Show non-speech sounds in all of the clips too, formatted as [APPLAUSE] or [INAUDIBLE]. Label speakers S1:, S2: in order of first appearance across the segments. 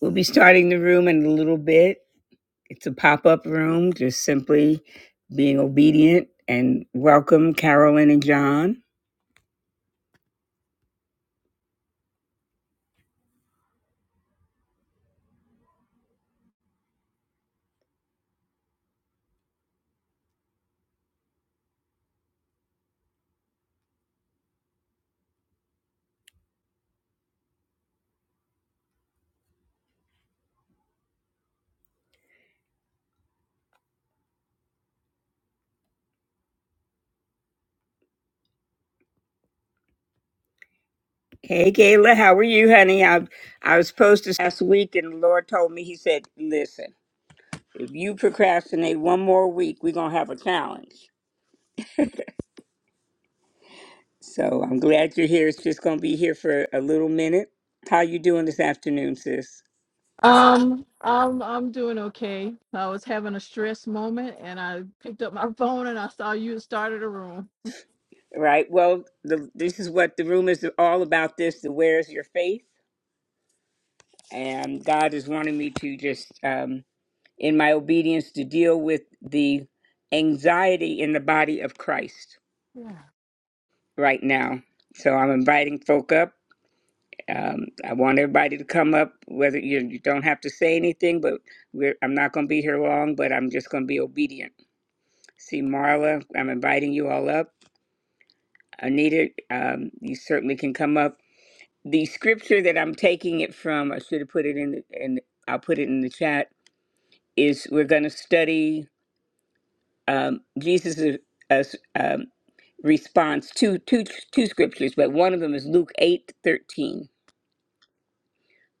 S1: We'll be starting the room in a little bit. It's a pop up room, just simply being obedient and welcome Carolyn and John. Hey Kayla, how are you, honey? I I was supposed to last week, and the Lord told me He said, "Listen." If you procrastinate one more week, we're going to have a challenge. So I'm glad you're here. It's just going to be here for a little minute. How you doing this afternoon, sis?
S2: Um, I'm I'm doing okay. I was having a stress moment, and I picked up my [LAUGHS] phone and I saw you had started a room.
S1: Right. Well, the, this is what the room is all about. This, the where's your faith? And God is wanting me to just, um, in my obedience, to deal with the anxiety in the body of Christ
S2: Yeah.
S1: right now. So I'm inviting folk up. Um, I want everybody to come up. Whether you, you don't have to say anything, but we're, I'm not going to be here long. But I'm just going to be obedient. See, Marla, I'm inviting you all up. Anita, um, you certainly can come up. The scripture that I'm taking it from, I should have put it in, the, in I'll put it in the chat. Is we're going to study um, Jesus' uh, um, response to two two scriptures, but one of them is Luke eight thirteen.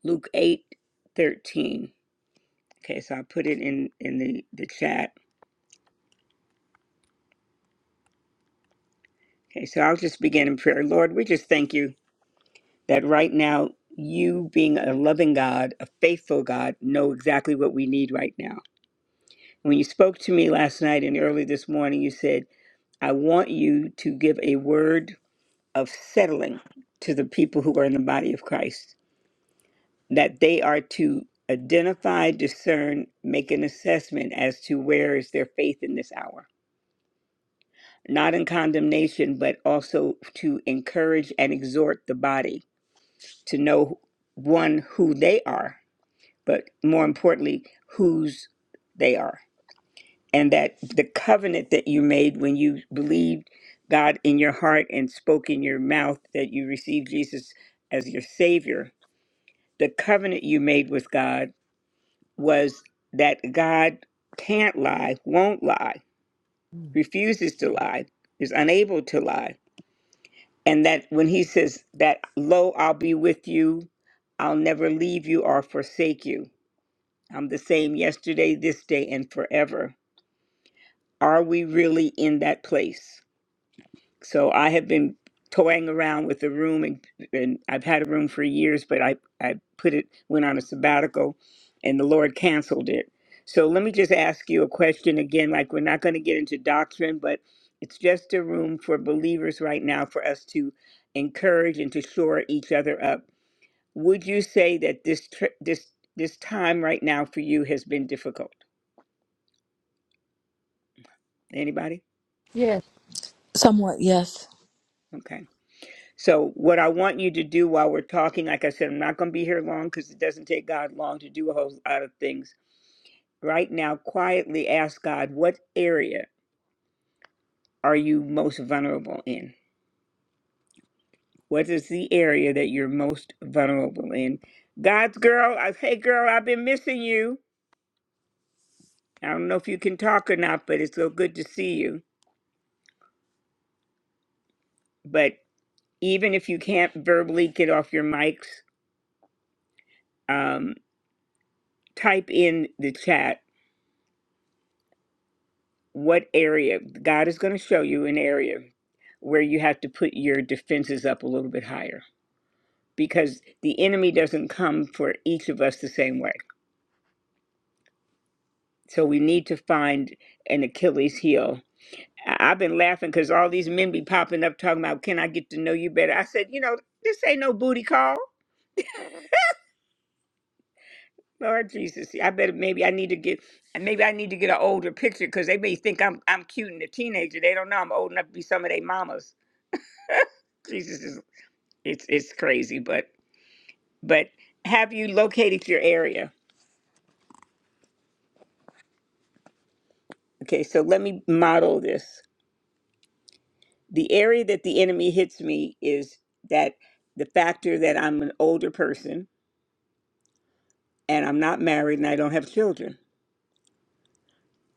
S1: Luke eight thirteen Okay, so I'll put it in in the the chat. Okay, so I'll just begin in prayer. Lord, we just thank you that right now you being a loving God, a faithful God, know exactly what we need right now. When you spoke to me last night and early this morning, you said, "I want you to give a word of settling to the people who are in the body of Christ, that they are to identify, discern, make an assessment as to where is their faith in this hour." not in condemnation, but also to encourage and exhort the body to know one, who they are, but more importantly, whose they are. And that the covenant that you made when you believed God in your heart and spoke in your mouth that you received Jesus as your Savior, the covenant you made with God was that God can't lie, won't lie,
S2: Mm.
S1: refuses to lie, is unable to lie And that when he says that, lo, I'll be with you, I'll never leave you or forsake you. I'm the same yesterday, this day, and forever. Are we really in that place? so I have been toying around with the room, and, and I've had a room for years, but I I put it went on a sabbatical, and the Lord canceled it. So let me just ask you a question again. Like we're not going to get into doctrine, but it's just a room for believers right now for us to encourage and to shore each other up. Would you say that this tri- this this time right now for you has been difficult? Anybody?
S2: Yes.
S3: Somewhat, yes.
S1: Okay. So, what I want you to do while we're talking, like I said, I'm not going to be here long because it doesn't take God long to do a whole lot of things. Right now, quietly ask God, what area are you most vulnerable in? What is the area that you're most vulnerable in? God's girl, I, hey girl, I've been missing you. I don't know if you can talk or not, but it's so good to see you. But even if you can't verbally get off your mics, um, type in the chat what area God is going to show you an area where you have to put your defenses up a little bit higher because the enemy doesn't come for each of us the same way. So we need to find an Achilles heel. I- I've been laughing because all these men be popping up talking about, can I get to know you better? I said, you know, this ain't no booty call. [LAUGHS] Lord Jesus, I better maybe I need to get maybe I need to get an older picture because they may think I'm I'm cute and a teenager. They don't know I'm old enough to be some of their mamas. Jesus is It's it's crazy, but but have you located your area? Okay, so let me model this. The area that the enemy hits me is that the factor that I'm an older person and I'm not married and I don't have children.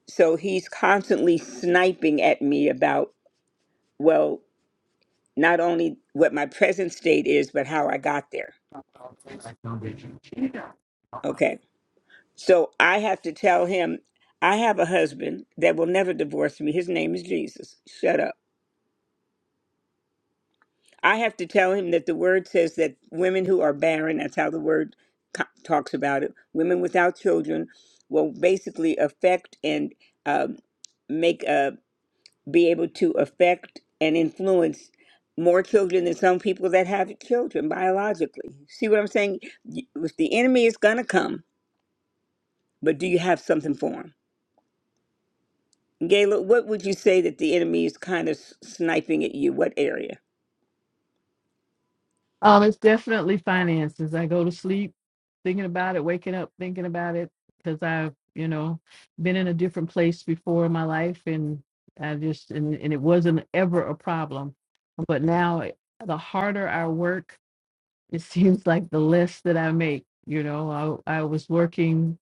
S1: So he's constantly sniping at me about well, not only what my present state is, but how I got there. Okay. So I have to tell him I have a husband that will never divorce me. His name is Jesus. Shut up I have to tell him that the word says that women who are barren, that's how the word co- talks about it, women without children will basically affect and um, make, uh, be able to affect and influence more children than some people that have children biologically. See what I'm saying? Y- If the enemy is going to come, but do you have something for him? Gayla, what would you say that the enemy is kind of s- sniping at you? What area?
S2: Um, it's definitely finances. I go to sleep thinking about it, waking up thinking about it, because I've you know been in a different place before in my life, and I just and and it wasn't ever a problem, but now it- the harder I work, it [LAUGHS] seems like the less that I make. You know, I I was working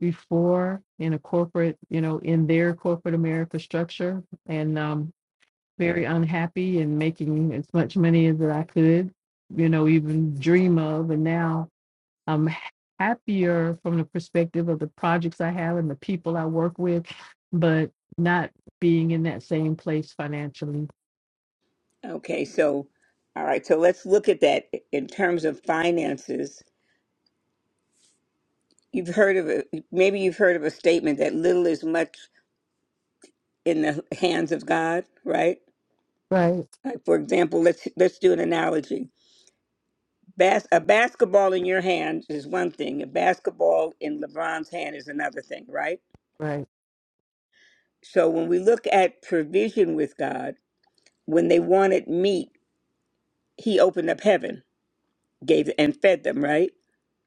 S2: before in a corporate, you know, in their corporate America structure and um very unhappy and making as much money as that I could, you know, even dream of. And now I'm happier from the perspective of the projects I have and the people I work with, but not being in that same place financially.
S1: Okay, so, all right, so let's look at that in terms of finances. You've heard of a, maybe you've heard of a statement that little is much in the hands of God, right?
S2: Right,
S1: Like for example, let's let's do an analogy. Bas- a basketball in your hand is one thing. A basketball in LeBron's hand is another thing, right?
S2: right,
S1: So when we look at provision with God, when they wanted meat, he opened up heaven, gave and fed them, right?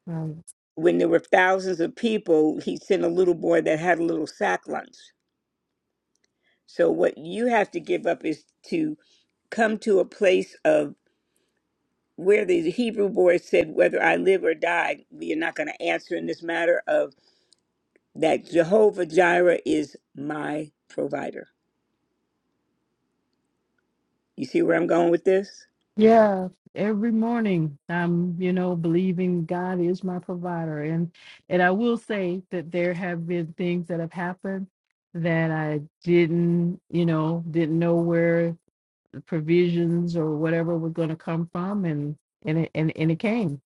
S2: right.
S1: when there were thousands of people, he sent a little boy that had a little sack lunch. So what you have to give up is to come to a place of where the Hebrew boy said, "Whether I live or die, we are not going to answer in this matter of that Jehovah Jireh is my provider." You see where I'm going with this?
S2: Yeah, every morning I'm, you know, believing God is my provider. And and I will say that there have been things that have happened that I didn't, you know, didn't know where the provisions or whatever were going to come from and and it and, and it came.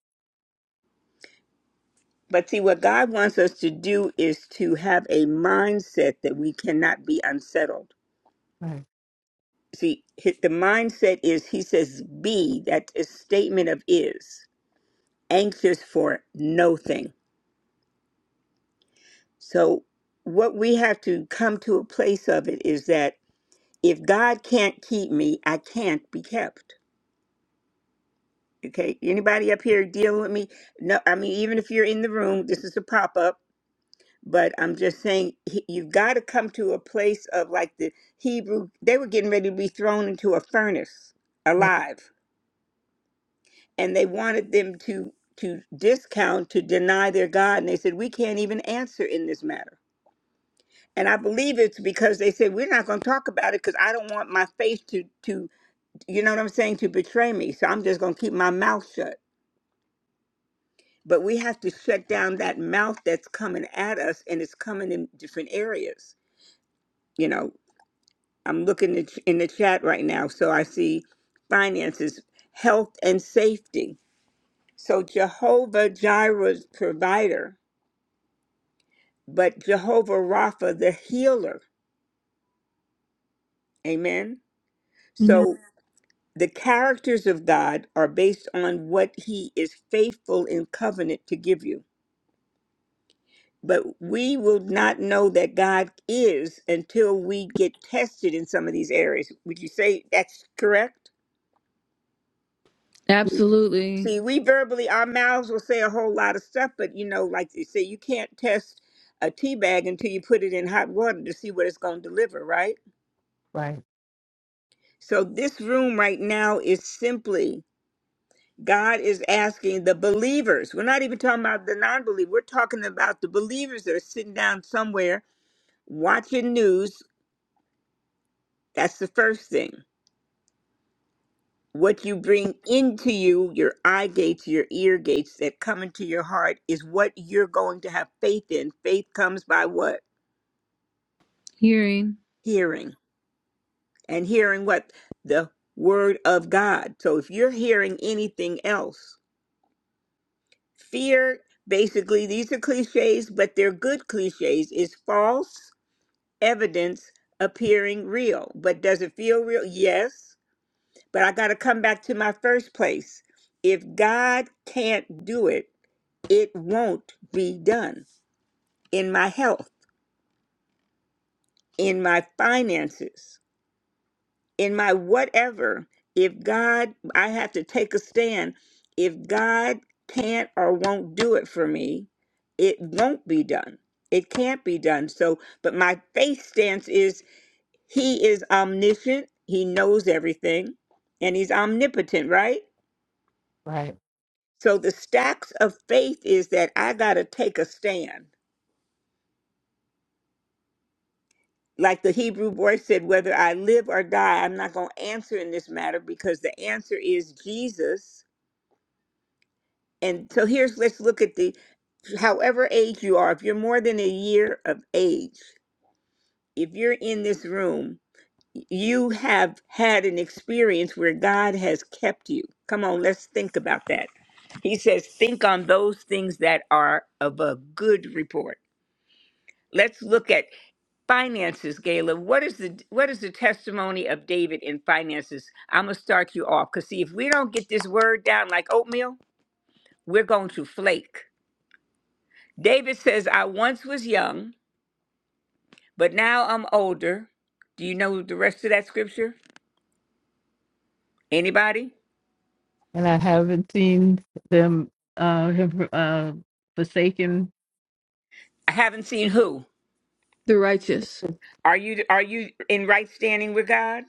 S1: But see, what God wants us to do is to have a mindset that we cannot be unsettled
S2: Right,
S1: see his, the mindset is he says be that is a statement of is anxious for no thing so what we have to come to a place of it is that if god can't keep me i can't be kept okay anybody up here dealing with me no i mean even if you're in the room this is a pop-up but i'm just saying he- you've got to come to a place of like the hebrew they were getting ready to be thrown into a furnace
S2: right,
S1: alive and they wanted them to to discount to deny their god and they said we can't even answer in this matter and i believe it's because they said we're not going to talk about it because i don't want my faith to to you know what i'm saying to betray me so i'm just going to keep my mouth shut but we have to shut down that mouth that's coming at us and it's coming in different areas you know i'm looking at- in the chat right now so i see finances health and safety so jehovah jireh's provider but Jehovah Rapha, the healer. Amen. So
S3: Amen.
S1: the characters of God are based on what he is faithful in covenant to give you. But we will not know that God is until we get tested in some of these areas. Would you say that's correct?
S3: Absolutely.
S1: See, we verbally, our mouths will say a whole lot of stuff, but you know, like you say, you can't test a tea bag until you put it in hot water to see what it's going to deliver, right?
S2: right,
S1: So this room right now is simply God is asking the believers. We're not even talking about the non believer. We're talking about the believers that are sitting down somewhere watching news. That's the first thing. What you bring into you, your eye gates, your ear gates that come into your heart is what you're going to have faith in. Faith comes by what?
S3: Hearing
S1: Hearing. And hearing what? The word of God. So if you're hearing anything else, fear basically these are cliches but they're good cliches is false evidence appearing real. But does it feel real? Yes. But I got to come back to my first place. If God can't do it, it won't be done in my health, in my finances, in my whatever. If God, I have to take a stand. If God can't or won't do it for me, it won't be done. It can't be done. So, but my faith stance is He is omniscient, he knows everything, and he's omnipotent, right?
S2: right.
S1: So the stacks of faith is that I got to take a stand. Like the Hebrew boy said, whether I live or die, I'm not going to answer in this matter because the answer is Jesus. And so here's let's look at the however age you are, if you're more than a year of age, if you're in this room, you have had an experience where God has kept you. Come on, let's think about that. He says, think on those things that are of a good report. Let's look at finances, Gayla. What is the what is the testimony of David in finances? I'm gonna start you off because see if we don't get this word down like oatmeal, we're going to flake. David says, I once was young, but now I'm older. Do you know the rest of that scripture? Anybody?
S2: And I haven't seen them uh have uh forsaken.
S1: I haven't seen who.
S3: the righteous.
S1: Are you are you in right standing with God?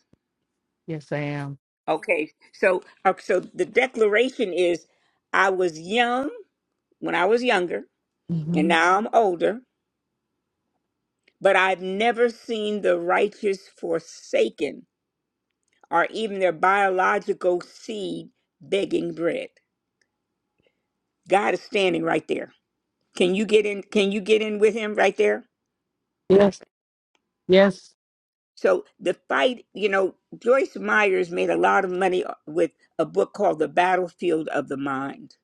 S2: Yes, I am.
S1: Okay. So uh, so the declaration is I was young when I was younger and
S2: hmm
S1: now I'm older, but I've never seen the righteous forsaken or even their biological seed begging bread. God is standing right there. Can you get in can you get in with him right there?
S2: Yes, yes,
S1: So the fight, you know, Joyce Myers made a lot of money uh, with a book called The Battlefield of the Mind.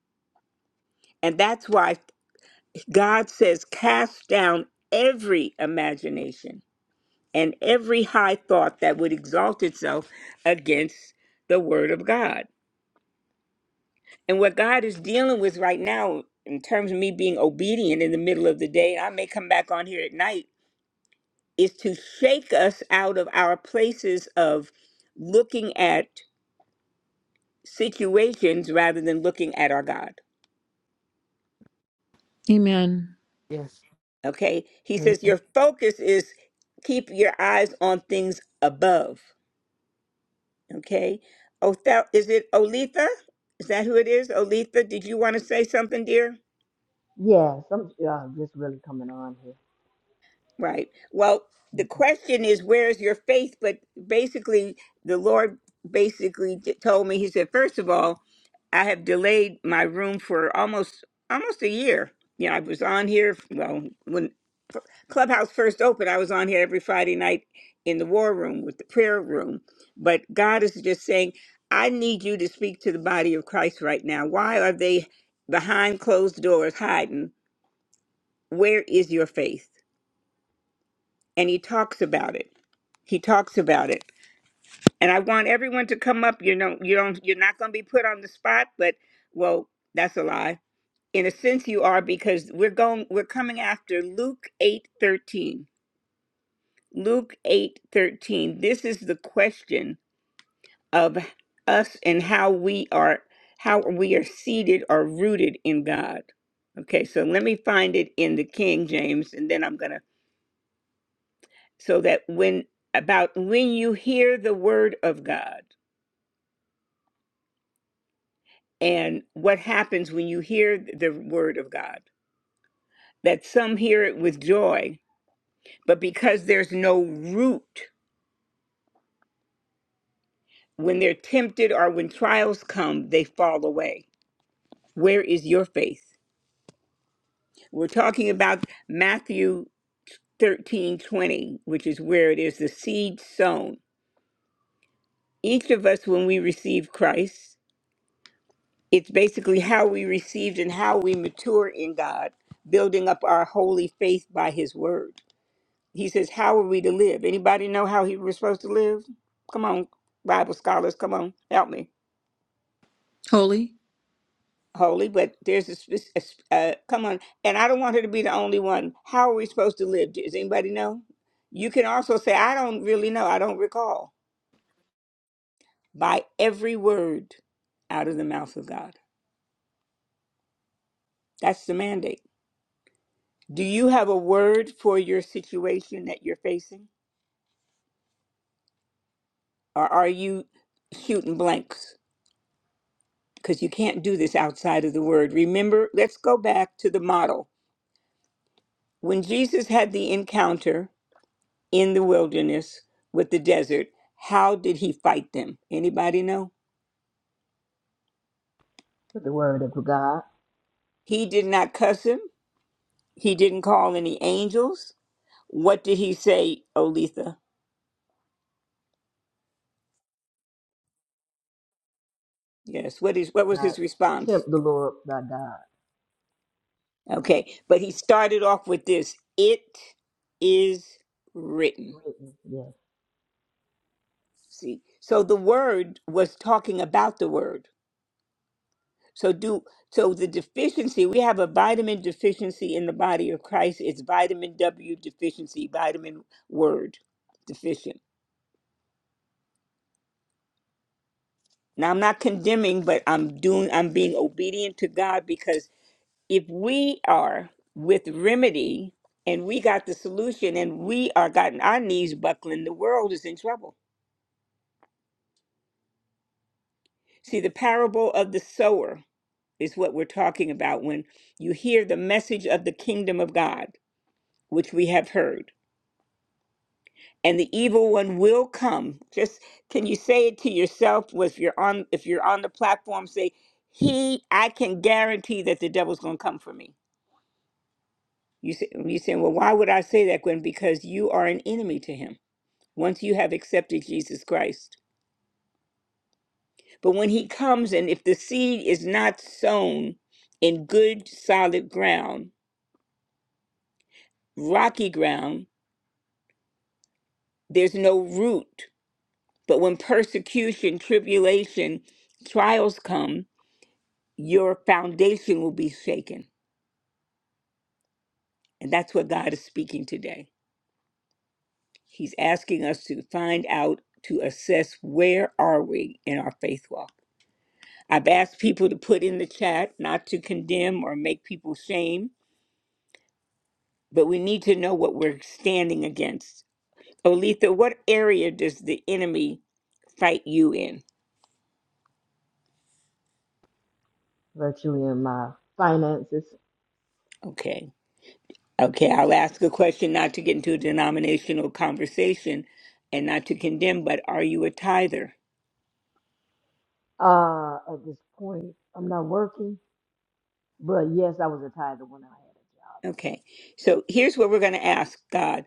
S1: And that's why God says, cast down every imagination and every high thought that would exalt itself against the word of God. And what God is dealing with right now, in terms of me being obedient in the middle of the day, I may come back on here at night, is to shake us out of our places of looking at situations rather than looking at our God.
S3: Amen.
S2: yes.
S1: Okay? He says, Your focus is keep your eyes on things above Okay. Othel, is it Olitha? Is that who it is? Olitha, did you want to say something, dear?
S4: Yes, I'm uh, just really coming on here.
S1: Right. Well, the question is, where is your faith? But basically, the Lord basically t- told me, He said, first of all, I have delayed my room for almost almost a year. You know, I was on here. Well, when Clubhouse first opened, I was on here every Friday night in the war room with the prayer room. But God is just saying, I need you to speak to the body of Christ right now. Why are they behind closed doors hiding? Where is your faith? and he talks about it. He talks about it. And I want everyone to come up. You know, you don't you're not gonna be put on the spot, but well, that's a lie. In a sense you are because we're going we're coming after Luke eight thirteen. Luke eight thirteen. This is the question of us and how we are how we are seated or rooted in God. Okay, so let me find it in the King James and then I'm gonna so that when about when you hear the word of God and what happens when you hear the word of God that some hear it with joy but because there's no root when they're tempted or when trials come they fall away where is your faith we're talking about Matthew 13:20 which is where it is the seed sown each of us when we receive Christ it's basically how we received and how we mature in God, building up our holy faith by His Word. He says, "How are we to live?" Anybody know how he was supposed to live? Come on, Bible scholars, come on, help me.
S3: Holy?
S1: Holy, but there's a, spec- a sp- uh, come on, and I don't want her to be the only one. How are we supposed to live? Does anybody know? You can also say, "I don't really know. I don't recall." By every word out of the mouth of God. That's the mandate. Do you have a word for your situation that you're facing? Or are you shooting blanks? Because you can't do this outside of the word. Remember, let's go back to the model. When Jesus had the encounter in the wilderness with the desert, how did he fight them? Anybody know?
S4: Put the word of God,
S1: He did not cuss him. He didn't call any angels. What did he say, Olitha? Yes. What is what was his
S4: not
S1: response?
S4: tempt the Lord thy God.
S1: Okay, but he started off with this it is written.
S4: Written, yes,
S1: See, so the word was talking about the word. So do so the deficiency, we have a vitamin deficiency in the body of Christ. It's vitamin W deficiency, vitamin word deficient. Now I'm not condemning, but I'm doing I'm being obedient to God because if we are with remedy and we got the solution and we are gotten our knees buckling, the world is in trouble See, the parable of the sower is what we're talking about when you hear the message of the kingdom of God, which we have heard. And the evil one will come. Just can you say it to yourself? Well, If you're on if you're on the platform, say, He, I can guarantee that the devil's gonna come for me. You say you saying, Well, why would I say that, Gwen? Because you are an enemy to him once you have accepted Jesus Christ. But when he comes and if the seed is not sown in good solid ground, rocky ground, there's no root. But when persecution, tribulation, trials come, your foundation will be shaken. And that's what God is speaking today. He's asking us to find out, to assess where are we in our faith walk. I've asked people to put in the chat not to condemn or make people shame, but we need to know what we're standing against. Olitha, what area does the enemy fight you in?
S4: virtually in my finances.
S1: Okay. Okay, I'll ask a question not to get into a denominational conversation and not to condemn, but are you a tither?
S4: Uh, at this point, I'm not working, but yes, I was a tither when I had a job. Yes.
S1: Okay, so here's what we're going to ask God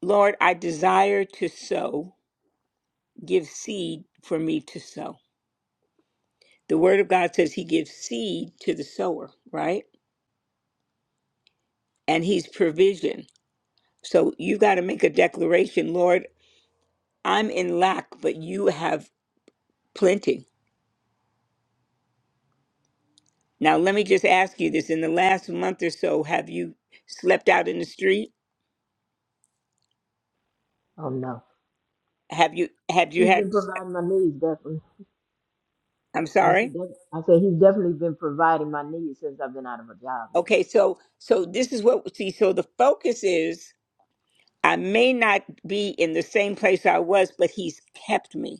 S1: Lord, I desire to sow, give seed for me to sow. The word of God says he gives seed to the sower, right? And he's provision. So you got to make a declaration Lord, I'm in lack, but you have plenty. Now, let me just ask you this in the last month or so, have you slept out in the street?
S4: Oh no,
S1: Have you have you
S4: he's
S1: had
S4: been providing my needs definitely.
S1: I'm
S4: Yes, he
S1: sorry?
S4: did. I say he's definitely been providing my needs since I've been out of a job. Yes,
S1: Okay, so so this is what see so the focus is I may not be in the same place I was, but he's kept me.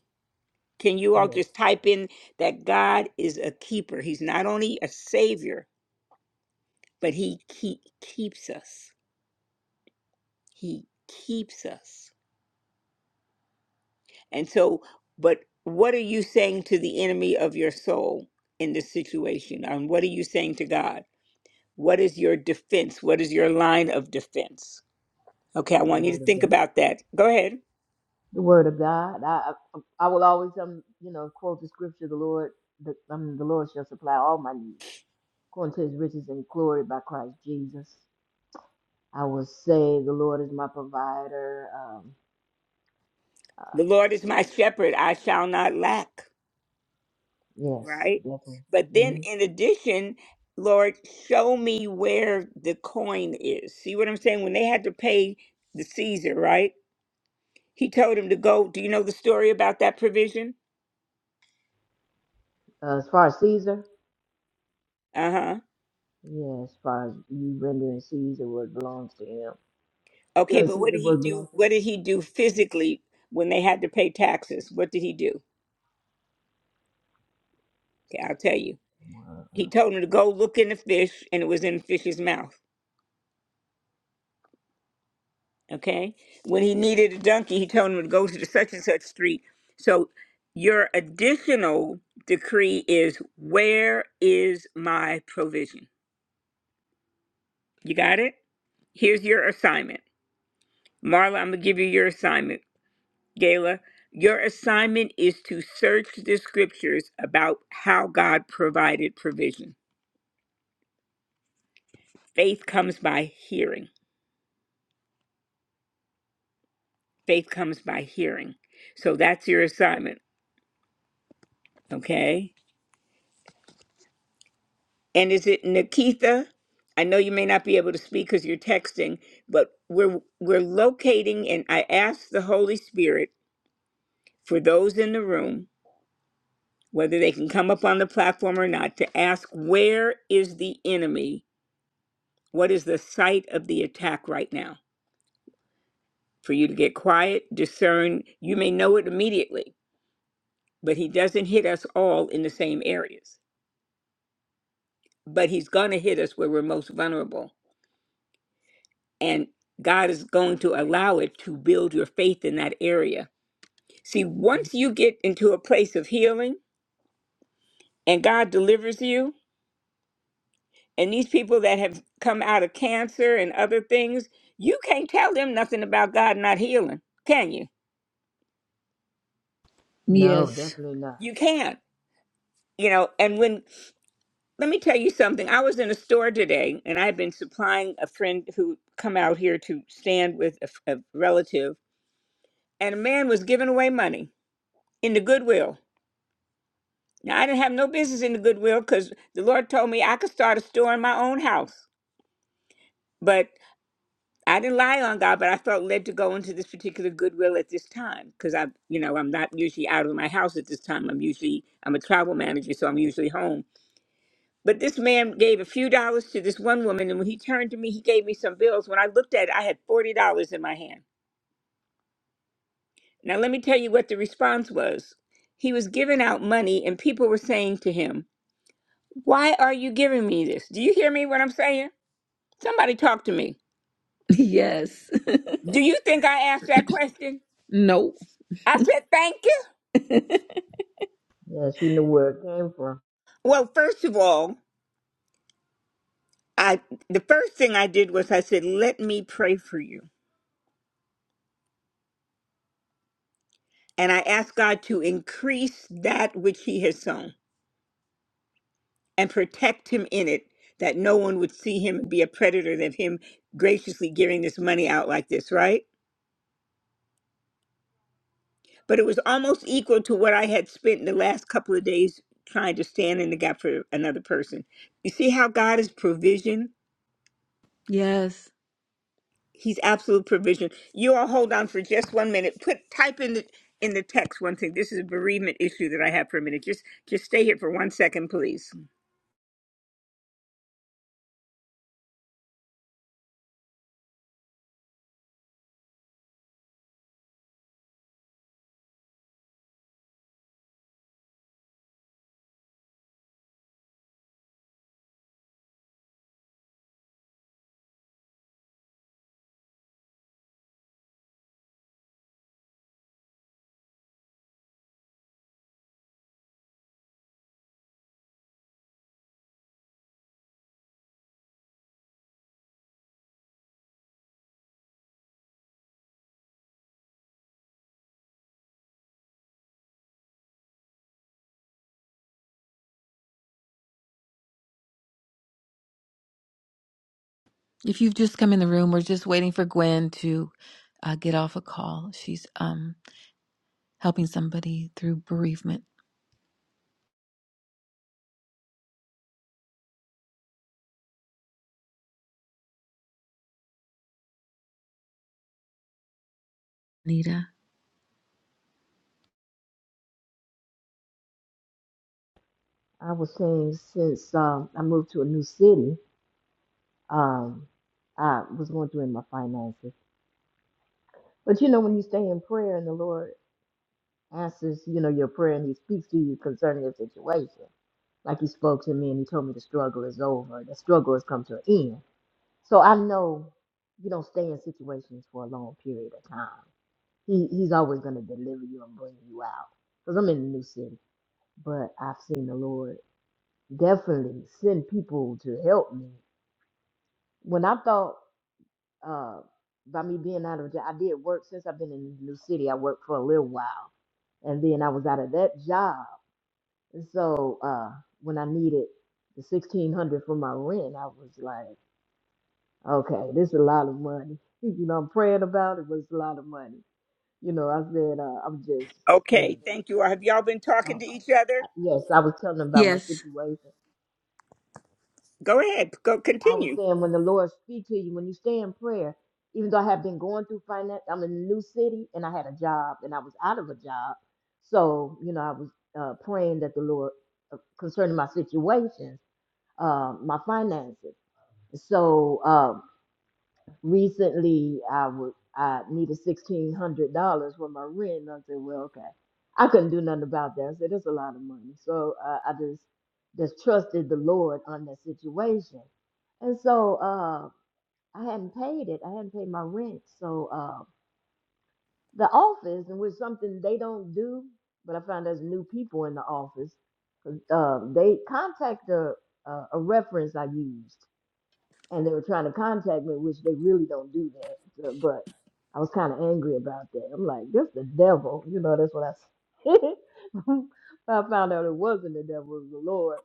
S1: Can you all
S4: yes,
S1: just type in that God is a keeper? He's not only a savior, but he keep, keeps us. He keeps us. And so but what are you saying to the enemy of your soul in this situation? And what are you saying to God? What is your defense? What is your line of defense? Okay, I
S4: the
S1: want you to
S4: word of
S1: think
S4: God.
S1: about that. Go ahead.
S4: The word of God. I I, I will always um you know quote the scripture. The Lord, the, um, the Lord shall supply all my needs, according to His riches and glory by Christ Jesus. I will say the Lord is my provider. Um, uh,
S1: The Lord is my shepherd, I shall not lack,
S4: yes,
S1: right?
S4: definitely.
S1: But then
S4: hmm
S1: in addition, Lord, show me where the coin is. See what I'm saying? When they had to pay the Caesar, right? He told him to go. Do you know the story about that provision?
S4: Uh, as far as Caesar,
S1: Uh-huh.
S4: yeah, as far as you rendering Caesar what belongs to him,
S1: Okay,
S4: giving
S1: but what
S4: Caesar
S1: did he
S4: what
S1: do?
S4: belongs to him.
S1: What did he do physically when they had to pay taxes? What did he do? Okay, I'll tell you.
S4: Wow.
S1: He told him to go look in the fish, and it was in the fish's mouth. okay? When he needed a donkey, he told him to go to the such and such street. So your additional decree is where is my provision? You got it? Here's your assignment. Marla, I'm going to give you your assignment. Gayla, your assignment is to search the scriptures about how God provided provision. Faith comes by hearing. Faith comes by hearing. So that's your assignment, okay? And is it Nikita? I know you may not be able to speak because you're texting, but we're we're locating and I ask the Holy Spirit for those in the room, whether they can come up on the platform or not, to ask where is the enemy? What is the site of the attack right now? For you to get quiet, discern. You may know it immediately, but he doesn't hit us all in the same areas. But he's gonna hit us where we're most vulnerable. and God is going to allow it to build your faith in that area. See, once you get into a place of healing and God delivers you, and these people that have come out of cancer and other things, you can't tell them nothing about God not healing, can you?
S4: No,
S3: Yes.
S4: definitely not.
S1: You can't. You know, and when let me tell you something. I was in a store today and I've been supplying a friend who come out here to stand with a, f- a relative and a man was giving away money in the Goodwill Now, I didn't have no business in the Goodwill because the Lord told me I could start a store in my own house. But I didn't lie on God, but I felt led to go into this particular Goodwill at this time because I, you know, I'm not usually out of my house at this time. I'm usually, I'm a travel manager, so I'm usually home. But this man gave a few dollars to this one woman, and when he turned to me, he gave me some bills. When I looked at it, I had $40 in my hand. Now, let me tell you what the response was. He was giving out money, and people were saying to him, Why are you giving me this? Do you hear me what I'm saying? Somebody talk to me.
S3: Yes. [LAUGHS]
S1: Do you think I asked that question?
S3: No.
S1: I said, thank you.
S4: Yeah, she knew where it came from.
S1: Well, first of all, I the first thing I did was I said, let me pray for you. And I asked God to increase that which he has sown and protect him in it, that no one would see him and be a predator of him graciously giving this money out like this, right? But it was almost equal to what I had spent in the last couple of days trying to stand in the gap for another person. You see how God is provision?
S3: Yes.
S1: He's absolute provision. You all hold on for just one minute. Put type in the in the text one thing. This is a bereavement issue that I have for a minute. Just just stay here for one second, please.
S3: If you've just come in the room, we're just waiting for Gwen to uh, get off a call. She's um helping somebody through bereavement. Nita.
S4: I was saying since um, I moved to a new city, um, I was going through in my finances. But you know, when you stay in prayer and the Lord answers, you know, your prayer and He speaks to you concerning your situation, like He spoke to me and He told me the struggle is over, the struggle has come to an end. So I know you don't stay in situations for a long period of time. He He's always going to deliver you and bring you out. Because I'm in a new city, but I've seen the Lord definitely send people to help me when I thought. uh, by me being out of job. I did work since I've been in the new city. I worked for a little while, and then I was out of that job. And so uh, when I needed the sixteen hundred for my rent, I was like, okay, this is a lot of money. [LAUGHS] You know, I'm praying about it, but it's a lot of money. You know, I said, uh, I'm just, you know,
S1: Okay, thank you. all. Have y'all been talking
S4: oh,
S1: to each other?
S4: I- yes, I was telling them about my
S3: Yes.
S4: situation,
S1: Go ahead. Go
S4: I was
S1: continue.
S4: saying when the Lord speak to you, when you stay in prayer, even though I have been going through finance, I'm in a new city and I had a job and I was out of a job. So, you know, I was uh, praying that the Lord uh, concerning my situation, uh, my finances. So uh, recently I would, I needed sixteen hundred dollars for my rent. And I said, well, okay, I couldn't do nothing about that. I said, that's a lot of money. So uh, I just, just trusted the Lord on that situation. And so, uh, I hadn't paid it. I hadn't paid my rent. So uh, the office, and was something they don't do, but I found there's new people in the office. Uh, they contact a, a, a reference I used, and they were trying to contact me, which they really don't do that. So- But I was kind of angry about that. I'm like, this the devil, you know. That's what I said. [LAUGHS] I found out it wasn't the devil, it was the Lord.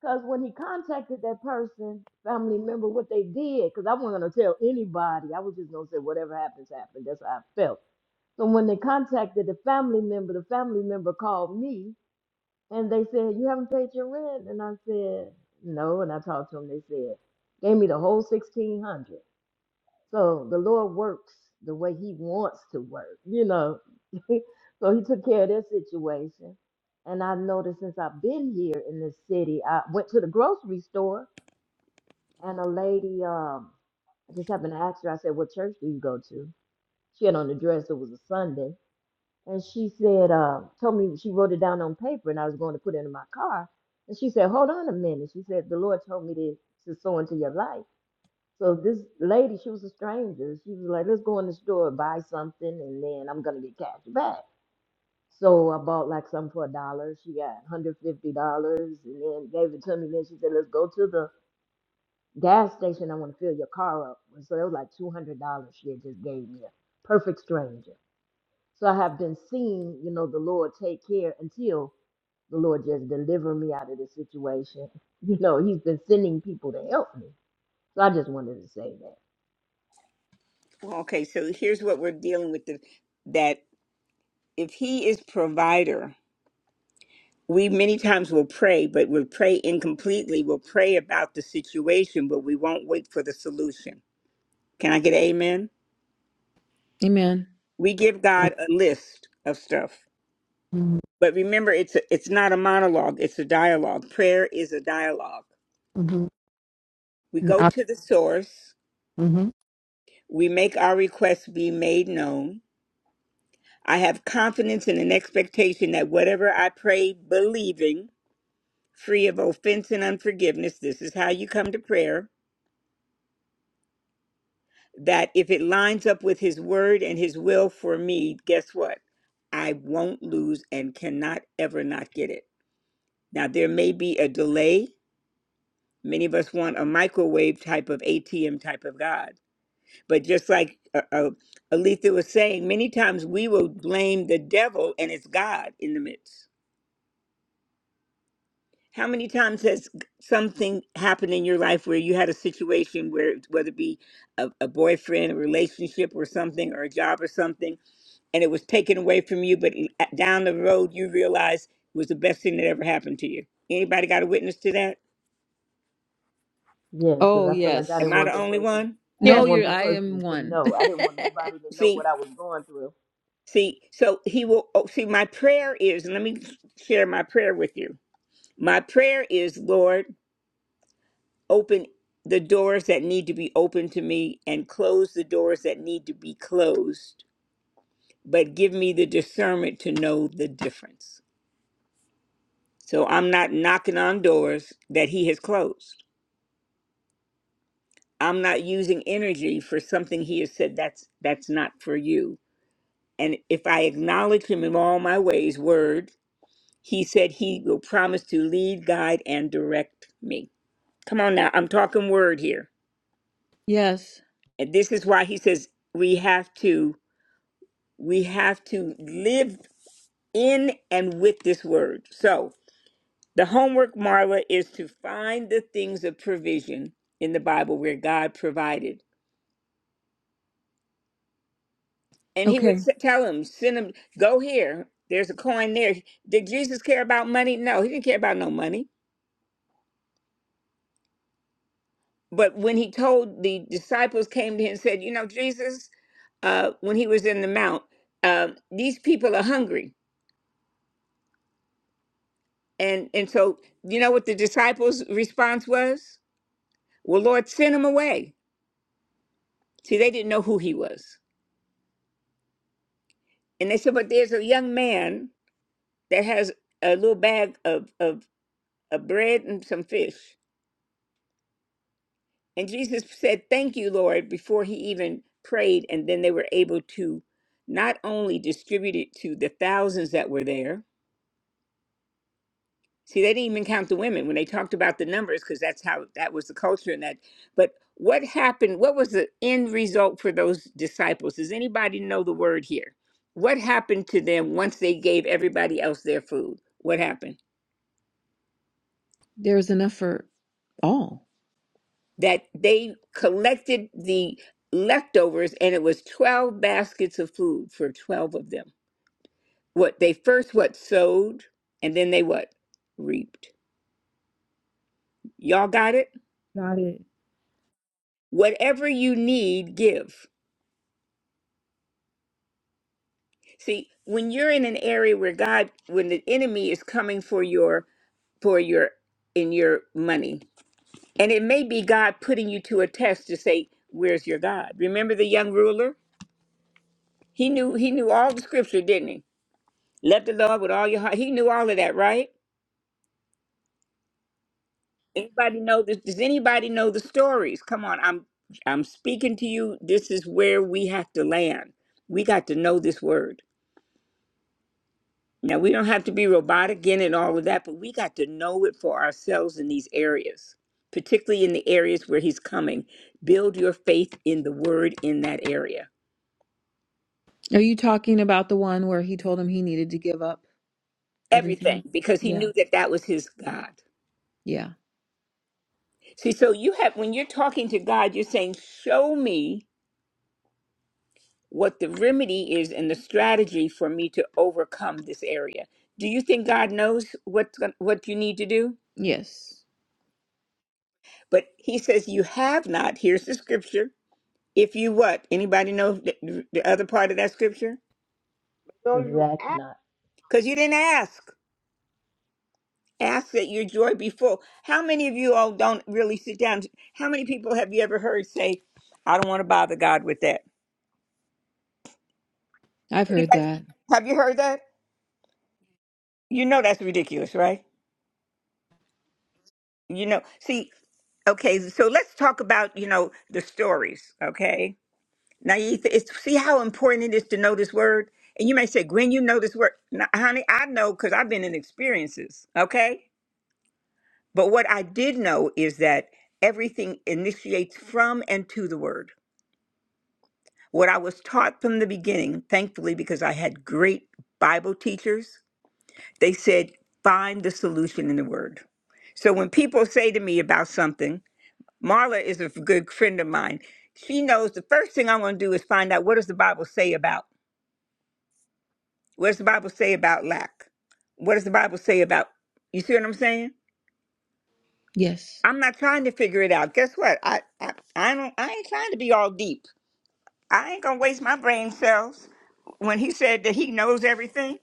S4: Because when he contacted that person, family member, what they did, because I wasn't going to tell anybody. I was just going to say, whatever happens, happened. That's how I felt. So when they contacted the family member, the family member called me and they said, You haven't paid your rent? And I said, No. And I talked to them. They said, Gave me the whole 1600 so the Lord works the way He wants to work, you know. [LAUGHS] so He took care of this situation. And I noticed since I've been here in this city, I went to the grocery store and a lady, um, I just happened to ask her, I said, What church do you go to? She had on a dress, it was a Sunday. And she said, uh, told me she wrote it down on paper and I was going to put it in my car. And she said, Hold on a minute. She said, The Lord told me to, to sow into your life. So this lady, she was a stranger. She was like, let's go in the store and buy something, and then I'm gonna get cash back. So I bought like something for a dollar. She got hundred fifty dollars, and then gave it to me. Then she said, let's go to the gas station. I want to fill your car up. And so it was like two hundred dollars she had just gave me. A perfect stranger. So I have been seeing, you know, the Lord take care until the Lord just deliver me out of this situation. [LAUGHS] You know, He's been sending people to help me. So I just wanted to say that.
S1: Well, Okay, so here's what we're dealing with: the, that if He is provider, we many times will pray, but we'll pray incompletely. We'll pray about the situation, but we won't wait for the solution. Can I get an amen?
S3: Amen.
S1: We give God a list of stuff
S2: Mhm.
S1: But remember, it's a, it's not a monologue; it's a dialogue. Prayer is a dialogue.
S2: Mhm.
S1: We go to the source.
S2: Mm-hmm.
S1: We make our requests be made known. I have confidence and an expectation that whatever I pray, believing, free of offense and unforgiveness, this is how you come to prayer. That if it lines up with His word and His will for me, guess what? I won't lose and cannot ever not get it. Now, there may be a delay Many of us want a microwave type of ATM type of God. But just like uh, uh, Aletha was saying, many times we will blame the devil and it's God in the midst. How many times has something happened in your life where you had a situation where, whether it be a, a boyfriend, a relationship, or something, or a job or something, and it was taken away from you, but down the road you realize it was the best thing that ever happened to you? Anybody got a witness to that?
S4: Yes, because
S3: Oh,
S4: I feel like I
S3: yes.
S1: Am
S4: didn't
S1: I
S4: want
S1: the
S4: that
S1: only
S4: person.
S1: one?
S4: I
S2: Yes,
S3: No,
S4: didn't want
S3: you're,
S4: that
S3: I am
S4: person to
S3: one.
S4: know. I didn't want nobody to know
S1: See,
S4: what I was going through.
S1: See, so he will. Oh, see, my prayer is, and let me share my prayer with you. My prayer is, Lord, open the doors that need to be opened to me and close the doors that need to be closed, but give me the discernment to know the difference. So I'm not knocking on doors that he has closed. I'm not using energy for something he has said that's that's not for you. And if I acknowledge him in all my ways, word He said he will promise to lead, guide, and direct me. Come on now, I'm talking word here.
S3: [LAUGHS] yes.
S1: And this is why he says we have to we have to live in and with this word. So the homework, Marla, is to find the things of provision in the Bible where God provided. And he would
S3: Okay.
S1: s- tell him, send him, go here. There's a coin there. Did Jesus care about money? No, he didn't care about no money. But when he told the disciples came to him and said, you know, Jesus, uh, when he was in the mount. Um, these people are hungry, and and so you know what the disciples' response was? Well, Lord, send him away. See, they didn't know who he was, and they said, but there's a young man that has a little bag of of, of bread and some fish, and Jesus said, "Thank you, Lord," before he even prayed, and then they were able to not only distribute it to the thousands that were there See, they didn't even count the women when they talked about the numbers because that's how that was the culture and that. But what happened? What was the end result for those disciples? Does anybody know the word here? What happened to them once they gave everybody else their food? What happened?
S3: There is enough for all.
S1: That they collected the leftovers and it was 12 baskets of food for 12 of them. What they first what sowed and then they what reaped. Y'all got it?
S3: Got it.
S1: Whatever you need, give See, when you're in an area where God, when the enemy is coming for your for your in your money, and it may be God putting you to a test to say, "Where's your God?" Remember the young ruler? He knew he knew all the scripture, didn't he? Love the Lord with all your heart. He knew all of that, right? Anybody know this? Does anybody know the stories? Come on, I'm I'm speaking to you. This is where we have to land. We got to know this word. Now, we don't have to be robotic in and all of that, but we got to know it for ourselves in these areas, particularly in the areas where he's coming. Build your faith in the word in that area.
S3: Are you talking about the one where he told him he needed to give up
S1: Everything,
S3: everything?
S1: because he
S3: Yeah.
S1: knew that that was his God.
S3: Yeah.
S1: See, so you have, when you're talking to God, you're saying, Show me what the remedy is and the strategy for me to overcome this area. Do you think God knows what, what you need to do?
S3: Yes.
S1: But he says, You have not. Here's the scripture If you what? Anybody know the, the other part of that scripture?
S5: So
S4: Because you
S5: you
S4: ask
S5: act.
S4: not.
S1: Because you didn't ask. Ask that your joy be full. How many of you all don't really sit down? How many people have you ever heard say, "I don't want to bother God with that"?
S3: I've heard
S1: Anybody?
S3: that.
S1: Have you heard that? You know that's ridiculous, right? You know. See, okay. So let's talk about you know the stories. Okay, now you th- it's see how important it is to know this word. And you may say, Gwen, you know this word. No, honey, I know because I've been in experiences. Okay But what I did know is that everything initiates from and to the Word. What I was taught from the beginning, thankfully, because I had great Bible teachers, they said, find the solution in the Word. So when people say to me about something, Marla is a good friend of mine. She knows the first thing I'm going to do is find out what does the Bible say about? What does the Bible say about lack? What does the Bible say about? You see what I'm saying?
S3: Yes.
S1: I'm not trying to figure it out. Guess what? I, I I don't I ain't trying to be all deep. I ain't gonna waste my brain cells. When he said that he knows everything,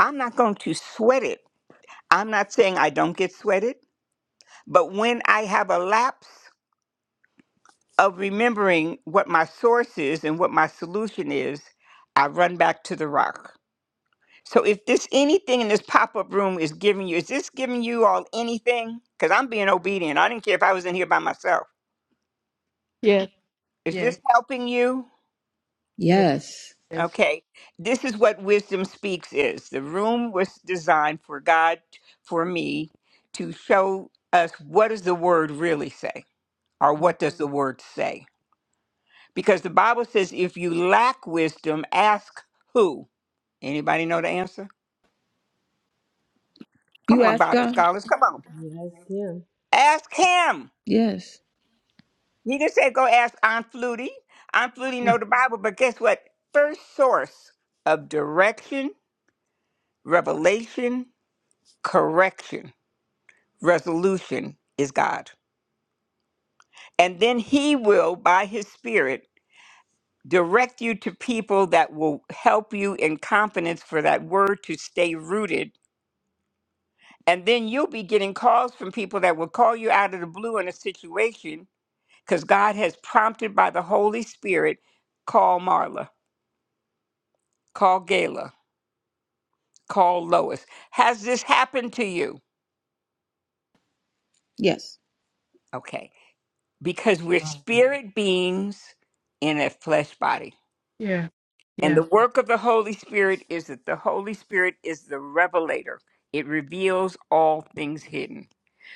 S1: I'm not going to sweat it. I'm not saying I don't get sweated, but when I have a lapse of remembering what my source is and what my solution is, I run back to the rock. So if this anything in this pop-up room is giving you, is this giving you all anything? Because I'm being obedient. I didn't care if I was in here by myself.
S2: yes,
S1: Is this
S2: yes,
S1: helping you?
S2: yes,
S3: Yes.
S2: yes.
S1: Okay, this is what Wisdom Speaks is. The room was designed for God, for me, to show us what does the word really say, or what does the word say? Because the Bible says, if you lack wisdom, ask who? Anybody know the answer? Come
S3: You
S1: on,
S3: ask
S1: Bible
S3: God?
S1: scholars, come on.
S4: You ask him.
S1: Ask him.
S3: Yes.
S1: He didn't say go ask Aunt Flutie. Aunt Flutie know
S2: Mhm.
S1: the Bible, but guess what? First source of direction, revelation, correction. resolution is God. And then He will, by His Spirit, direct you to people that will help you in confidence for that word to stay rooted. And then you'll be getting calls from people that will call you out of the blue in a situation because God has prompted by the Holy Spirit call Marla, call Gayla, call Lois. Has this happened to you?
S3: Yes.
S1: Okay. Because we're Mhm. spirit beings in a flesh body.
S2: Yeah,
S1: And the
S2: yeah,
S1: work of the Holy Spirit is that the Holy Spirit is the revelator. It reveals all things hidden.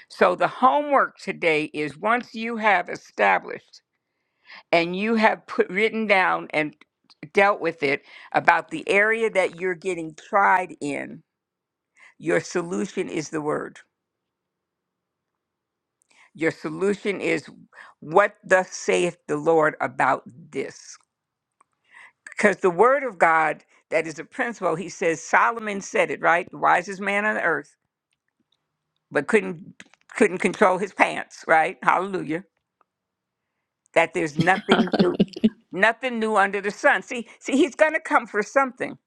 S1: So the homework today is once you have established and you have put written down and dealt with it about the area that you're getting tried in, your solution is the word. Your solution is what thus saith the Lord about this. because the word of God that is a principle. He says Solomon said it right, the wisest man on earth, but couldn't couldn't control his pants. Right? Hallelujah. That there's nothing new, nothing new under the sun. See, see, he's going to come for something.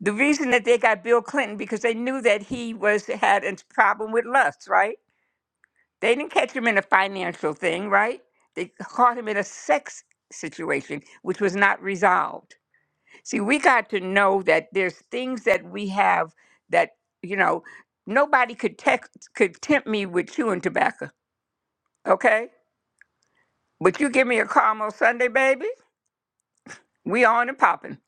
S1: The reason that they got Bill Clinton because they knew that he was had a problem with lust. Right? They didn't catch him in a financial thing. Right? They caught him in a sex situation, which was not resolved See, we got to know that there's things that we have that, you know, nobody could text, could tempt me with chewing tobacco, okay? But you give me a caramel Sunday, baby, we on and popping.
S3: [LAUGHS]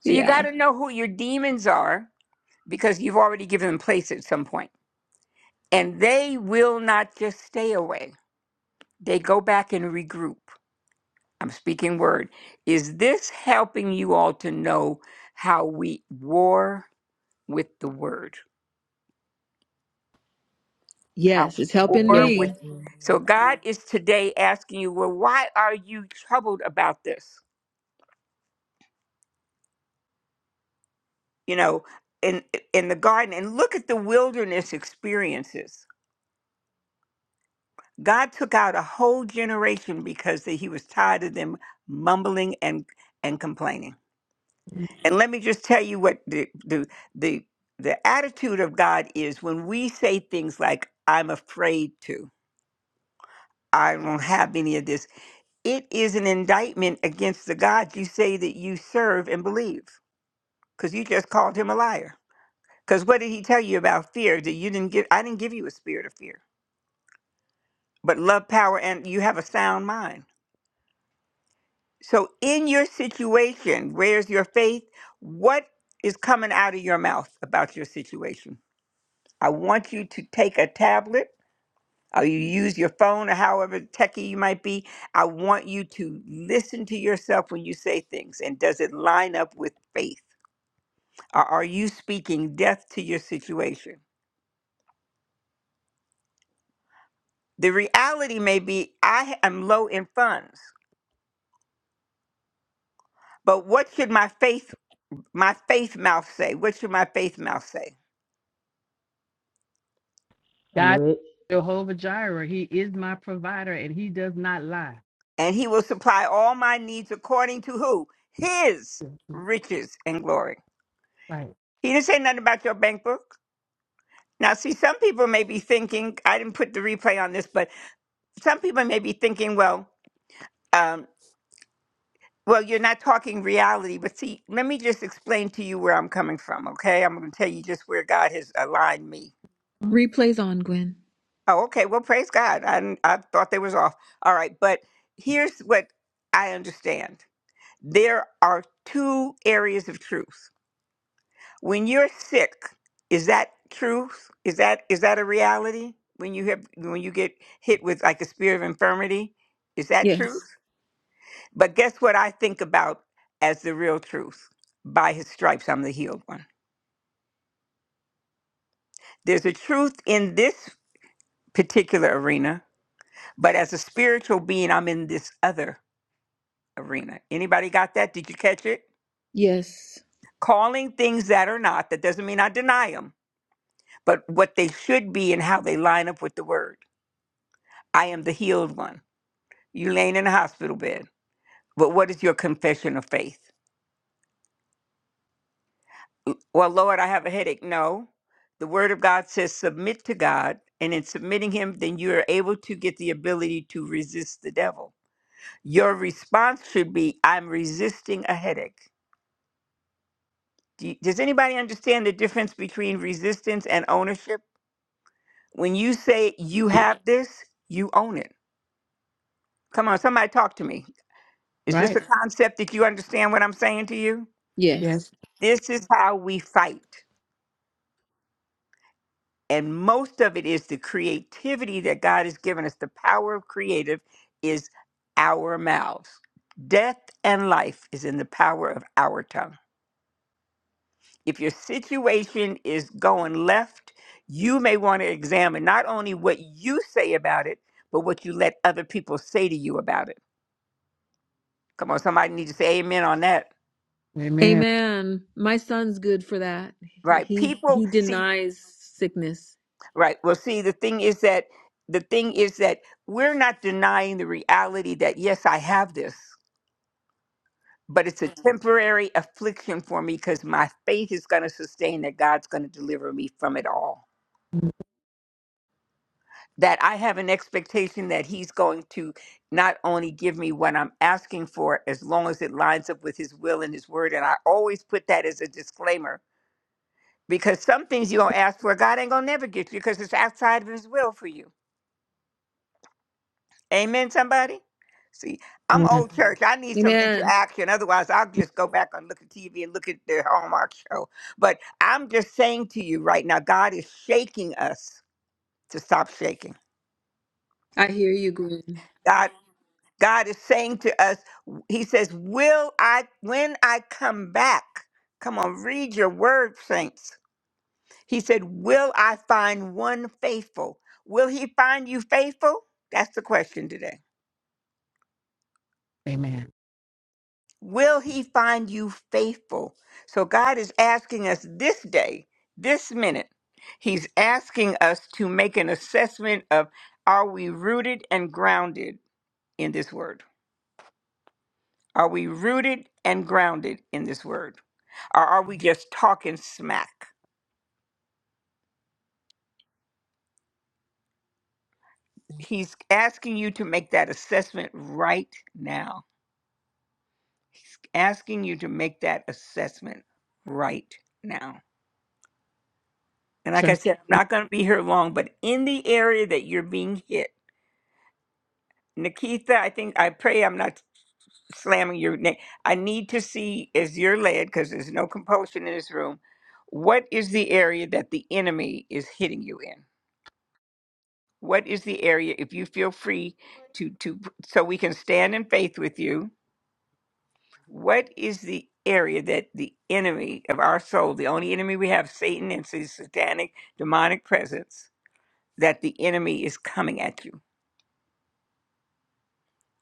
S1: So you
S3: yeah.
S1: got to know who your demons are because you've already given them place at some point. And they will not just stay away. They go back and regroup. I'm speaking word. Is this helping you all to know how we war with the word? how
S3: Yes. It's helping
S4: Yes,
S1: or
S2: yes.
S1: with
S3: me.
S4: definitely.
S1: so god is today asking you well why are you troubled about this you know in in the garden and look at the wilderness experiences god took out a whole generation because that he was tired of them mumbling and and complaining and let me just tell you what the the the, the attitude of god is when we say things like i'm afraid to i don't have any of this It is an indictment against the God you say that you serve and believe, because you just called him a liar. Because what did he tell you about fear? That you didn't give, I didn't give you a spirit of fear, but love, power, and you have a sound mind. So, in your situation, where's your faith? What is coming out of your mouth about your situation? I want you to take a tablet or you use your phone or however techie you might be. I want you to listen to yourself when you say things. And does it line up with faith? or are you speaking death to your situation? The reality may be I am low in funds, but what should my faith my faith mouth say? What should my faith mouth say?
S4: I'm
S2: God,
S4: rich.
S2: Jehovah Jireh, He is my provider and He does not lie.
S1: And he will supply all my needs according to who? His riches and glory.
S2: Right.
S1: He didn't say nothing about your bank book. Now, see, some people may be thinking, I didn't put the replay on this, but some people may be thinking, well, um, Well, you're not talking reality, but see, let me just explain to you where I'm coming from, okay? I'm going to tell you just where God has aligned me.
S2: Mhm.
S3: Replays on, Gwen.
S1: Oh, okay. Well, praise God. I, didn't- I thought they was off. All right, but here's what I understand. There are two areas of truth. When you're sick, is that truth? Is that is that a reality? When you have when you get hit with like a spirit of infirmity, is that
S3: Yes.
S1: truth? But guess what I think about as the real truth? By his stripes, I'm the healed one. There's a truth in this particular arena, but as a spiritual being, I'm in this other arena. Anybody got that? Did you catch it?
S3: Yes.
S1: Calling things that are not, that doesn't mean I deny them, but what they should be and how they line up with the word. I am the healed one. You laying in a hospital bed, but what is your confession of faith? Well, Lord, I have a headache. No. The word of God says submit to God, and in submitting him, then you are able to get the ability to resist the devil. Your response should be I'm resisting a headache. Do you- does anybody understand the difference between resistance and ownership? When you say you have this, you own it. Come on, somebody talk to me. Is this
S2: Right.
S1: a concept that you understand what I'm saying to you?
S2: Yes.
S3: Yes.
S1: This is how we fight. and most of it is the creativity that God has given us. The power of creative is our mouths. Death and life is in the power of our tongue. If your situation is going left, you may want to examine not only what you say about it, but what you let other people say to you about it. Come on, somebody need to say amen on that.
S2: Amen.
S3: Amen. My son's good for that. He
S1: Right.
S3: he
S1: People
S3: he
S1: see
S3: denies sickness.
S1: right. Well, see, the thing is that the thing is that we're not denying the reality that yes, I have this. but it's a Mhm. temporary affliction for me because my faith is going to sustain that God's going to deliver me from it all. That I have an expectation that He's going to not only give me what I'm asking for, as long as it lines up with His will and His word. And I always put that as a disclaimer because some things you're going to ask for, God ain't going to never get you because it's outside of His will for you Amen, somebody? See, I'm
S2: Amen.
S1: old church. I need some
S3: Amen.
S1: interaction. Otherwise, I'll just go back and look at TV and look at the Hallmark show. But I'm just saying to you right now, God is shaking us to stop shaking.
S3: I hear you, Gwen.
S1: God, God is saying to us, He says, Will I when I come back? Come on, read your word, saints. He said, Will I find one faithful? Will he find you faithful? That's the question today.
S2: Amen.
S1: Will he find you faithful? So God is asking us this day, this minute, he's asking us to make an assessment of are we rooted and grounded in this word? Are we rooted and grounded in this word? Or are we just talking smack? He's asking you to make that assessment right now. He's asking you to make that assessment right now. And like I
S2: Trust
S1: said, I'm not going to be here long, but in the area that you're being hit, Nikita, I think I pray I'm not slamming your name. I need to see as you're led, because there's no compulsion in this room. What is the area that the enemy is hitting you in? What is the area, if you feel free to, to so we can stand in faith with you? What is the area that the enemy of our soul, the only enemy we have, Satan and his satanic demonic presence, that the enemy is coming at you?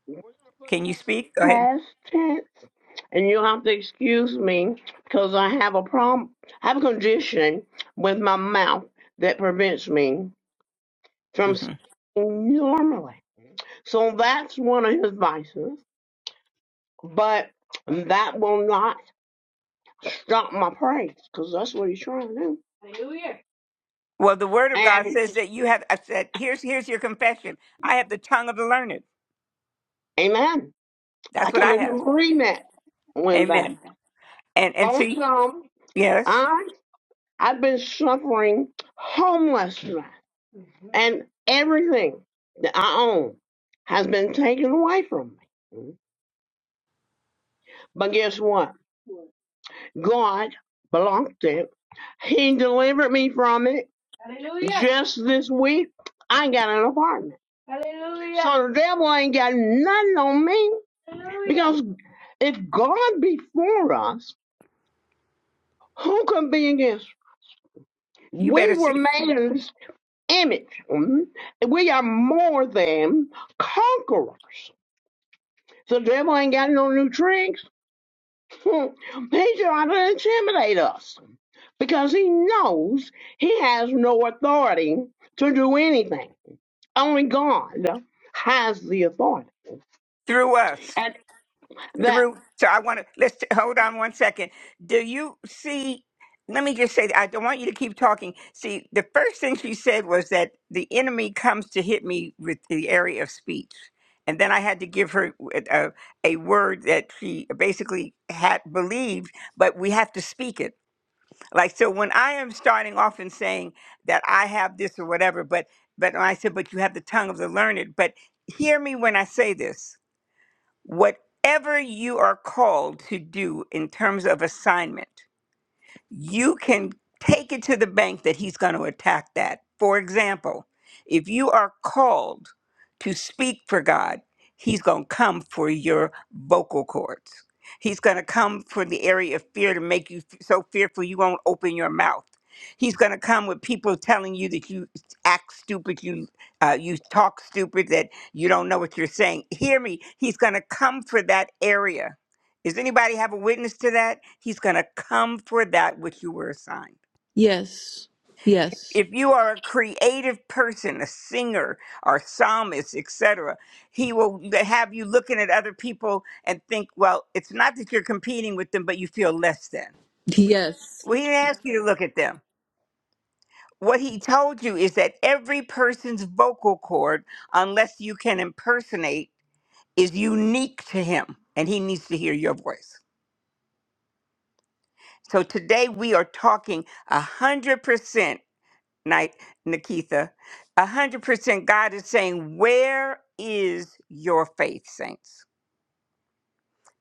S5: We're gonna put
S1: Can you speak? Go
S5: that in
S1: ahead.
S5: the past tense, and you'll have to excuse me because I have a problem. I have a condition with my mouth that prevents me from
S1: hmm
S5: speaking normally. So that's one of his vices, but that will not stop my praise because that's what he's trying to do.
S1: Well, the Word of God
S5: And
S1: says that you have. I said, here's here's your confession. I have the tongue of the learned.
S5: amen. I
S1: That's what
S5: come
S1: I
S5: into
S1: have.
S5: agreement with that.
S1: Amen. And and see,
S5: Also,
S1: yes,
S5: I I've been suffering homelessness and everything that I own has been taken away from me. But guess what? God blocked it. He delivered me from it. Hallelujah. Just this week, I got an apartment. Hallelujah. So the devil ain't got nothing on me. Hallelujah. Because if God be for us, who can be against?
S1: you better
S5: We
S1: see
S5: were made in his image. Mhm. We are more than conquerors. The devil ain't got no new tricks. [LAUGHS] He's trying to intimidate us because he knows he has no authority to do anything. Only God has the authority.
S1: through us.
S5: And that
S1: through. So I want to let's t- hold on one second. Do you see? Let me just say, I don't want you to keep talking. See, the first thing she said was that the enemy comes to hit me with the area of speech. And then I had to give her uh, a, a word that she basically had believed, but we have to speak it. Like, so when I am starting off and saying that I have this or whatever, but, but I said, but you have the tongue of the learned, but hear me when I say this whatever you are called to do in terms of assignment, you can take it to the bank that he's going to attack that. For example, if you are called to speak for God, he's going to come for your vocal cords. He's going to come for the area of fear to make you f- so fearful you won't open your mouth. He's going to come with people telling you that you act stupid, you uh, you talk stupid, that you don't know what you're saying. Hear me. He's going to come for that area does anybody have a witness to that? He's going to come for that which you were assigned.
S3: Yes. Yes.
S1: If you are a creative person, a singer or psalmist, etc., he will have you looking at other people and think, well, it's not that you're competing with them, but you feel less than.
S3: Yes.
S1: Well, he didn't ask you to look at them. What he told you is that every person's vocal cord, unless you can impersonate, is unique to him, and he needs to hear your voice. So today we are talking 100% night, Nikitha. A hundred percent God is saying, Where is your faith, saints?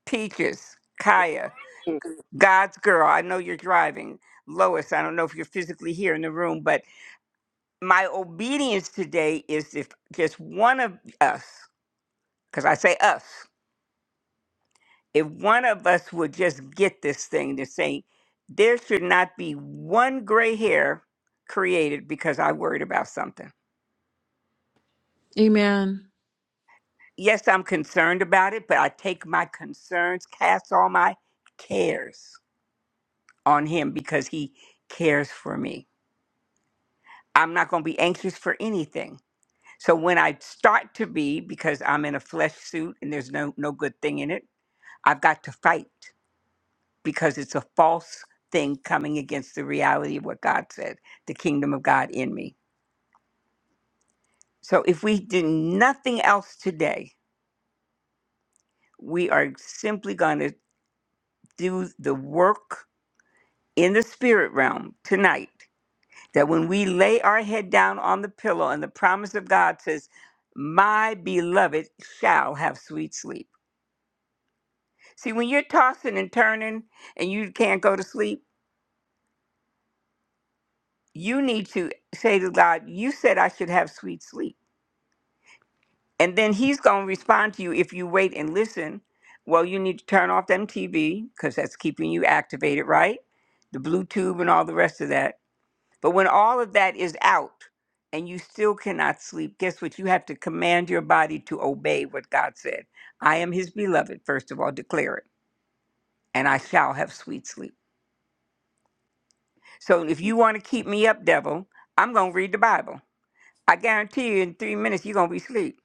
S1: Peaches, Kaya,
S5: is
S1: God's girl. I know you're driving. Lois, I don't know if you're physically here in the room, but my obedience today is if just one of us, because I say us, if one of us would just get this thing to say, there should not be one gray hair created because I worried about something
S3: Amen.
S1: Yes, I'm concerned about it, but I take my concerns, cast all my cares on him because he cares for me. I'm not going to be anxious for anything. So when I start to be, because I'm in a flesh suit and there's no, no good thing in it, I've got to fight because it's a false thing coming against the reality of what God said, the kingdom of God in me. So if we do nothing else today, we are simply going to do the work in the spirit realm tonight that when we lay our head down on the pillow and the promise of God says, My beloved shall have sweet sleep. See, when you're tossing and turning and you can't go to sleep, you need to say to God, You said I should have sweet sleep. And then He's going to respond to you if you wait and listen. Well, you need to turn off them TV because that's keeping you activated, right? The Bluetooth and all the rest of that But when all of that is out and you still cannot sleep, guess what? You have to command your body to obey what God said. I am his beloved, first of all, declare it, and I shall have sweet sleep. So if you want to keep me up, devil, I'm going to read the Bible. I guarantee you in three minutes, you're going to be asleep.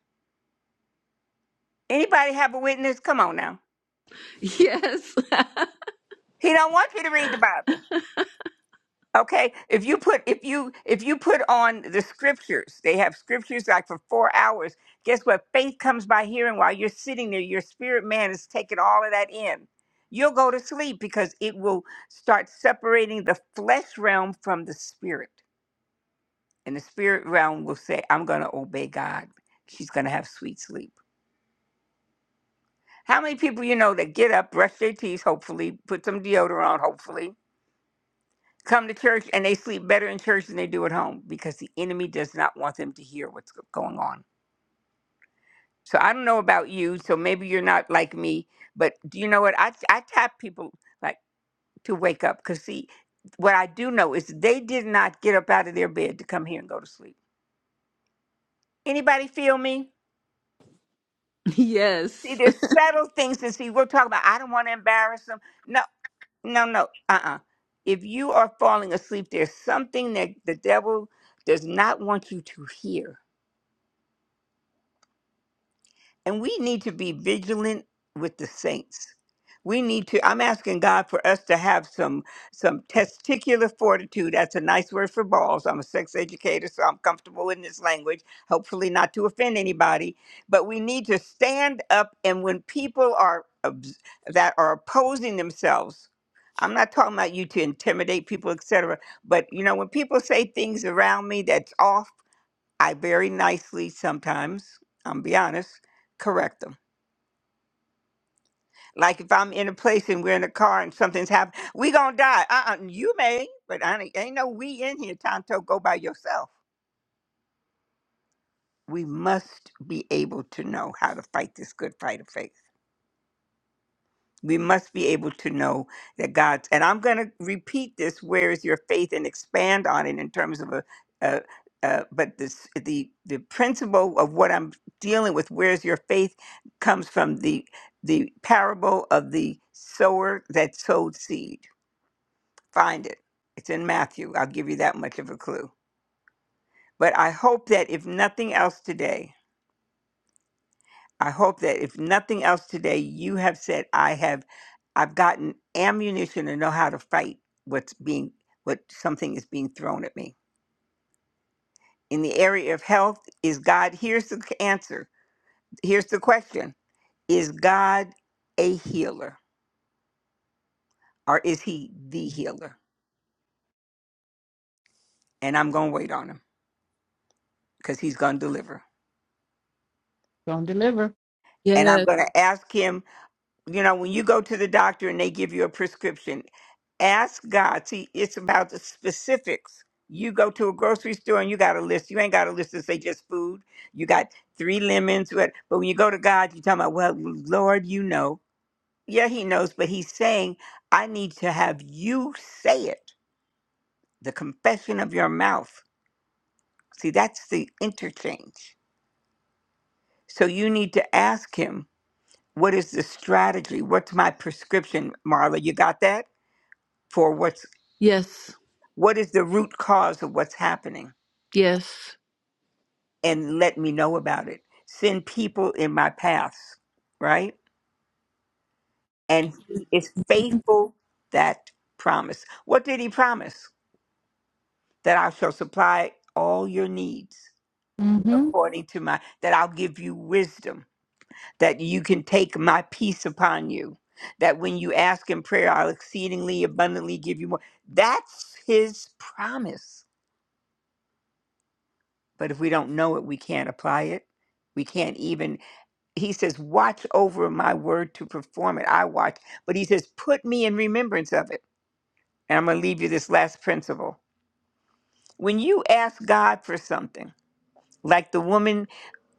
S1: Anybody have a witness? Come on now.
S3: Yes.
S1: He don't want you to read the Bible. Okay, if you put if you if you put on the scriptures, they have scriptures like for four hours. Guess what? Faith comes by hearing. While you're sitting there, your spirit man is taking all of that in. You'll go to sleep because it will start separating the flesh realm from the spirit, and the spirit realm will say, "I'm going to obey God." She's going to have sweet sleep. How many people you know that get up, brush their teeth, hopefully, put some deodorant, on, hopefully, come to church and they sleep better in church than they do at home because the enemy does not want them to hear what's go- going on. So I don't know about you, so maybe you're not like me, but do you know what? I I tap people like to wake up because see, what I do know is they did not get up out of their bed to come here and go to sleep. Anybody feel me?
S3: [LAUGHS]
S1: See,
S3: yes.
S1: there's subtle things and see we're talking about. I don't want to embarrass them. No, no, no. Uh-uh. If you are falling asleep, there's something that the devil does not want you to hear And we need to be vigilant with the saints. We need to, I'm asking God for us to have some some testicular fortitude. That's a nice word for balls. I'm a sex educator, so I'm comfortable in this language, hopefully not to offend anybody. But we need to stand up and when people are obs- that are opposing themselves, I'm not talking about you to intimidate people, etc. But you know, when people say things around me that's off I very nicely sometimes, I'm be honest, correct them. Like if I'm in a place and we're in a car and something's happened, we gonna die. Uh, uh you may, but I ain't, ain't no we in here. Tonto, go by yourself. We must be able to know how to fight this good fight of faith. We must be able to know that God's, and I'm going to repeat this, where is your faith, and expand on it in terms of a, a, a but this, the, the principle of what I'm dealing with, where's your faith, comes from the, the parable of the sower that sowed seed. Find it. It's in Matthew. I'll give you that much of a clue. But I hope that if nothing else today, I hope that if nothing else today, you have said, I have I've gotten ammunition to know how to fight what's being what something is being thrown at me. In the area of health, is God here's the answer. Here's the question. Is God a healer or is he the healer? And I'm going to wait on him cuz he's going to deliver.
S2: gonna deliver.
S1: And I'm
S3: Yes.
S1: going to ask him you know, when you go to the doctor and they give you a prescription, ask God. See, it's about the specifics. You go to a grocery store and you got a list. You ain't got a list to say just food. You got three lemons. What? But when you go to God, you talking about, well, Lord, you know. Yeah, He knows, but He's saying, I need to have you say it. The confession of your mouth. See, that's the interchange. So you need to ask Him, what is the strategy? What's my prescription, Marla? You got that? for what's
S3: Yes.
S1: What is the root cause of what's happening?
S3: Yes.
S1: And let me know about it. Send people in my paths, right? And he is faithful that promise. What did he promise? That I shall supply all your needs
S2: Mm-hmm.
S1: according to my, that I'll give you wisdom, that you can take my peace upon you, that when you ask in prayer, I'll exceedingly abundantly give you more. That's his promise. But if we don't know it, we can't apply it. We can't even he says, Watch over my word to perform it. I watch. But he says, Put me in remembrance of it. And I'm going to leave you this last principle. When you ask God for something, like the woman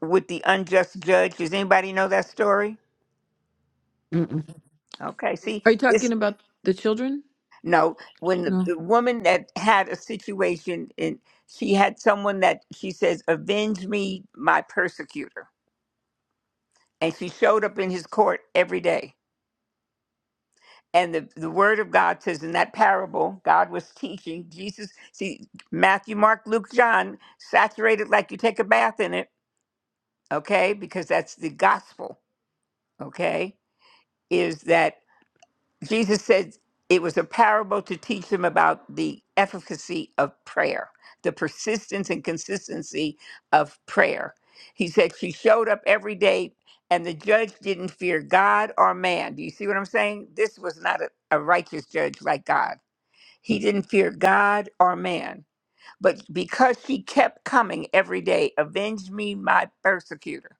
S1: with the unjust judge, does anybody know that story?
S2: Mm-mm.
S1: Okay, see,
S3: Are you talking
S1: this,
S3: about the children?
S1: no, when the,
S3: No.
S1: the woman that had a situation and she had someone that she says, Avenge me, my persecutor. And she showed up in his court every day And the, the word of God says in that parable, God was teaching Jesus. See, Matthew, Mark, Luke, John, saturated like you take a bath in it, okay? Because that's the gospel, okay? Is that Jesus said it was a parable to teach them about the efficacy of prayer, the persistence and consistency of prayer. He said she showed up every day and the judge didn't fear God or man. Do you see what I'm saying? This was not a, a righteous judge like God he didn't fear God or man, but because she kept coming every day, avenge me, my persecutor.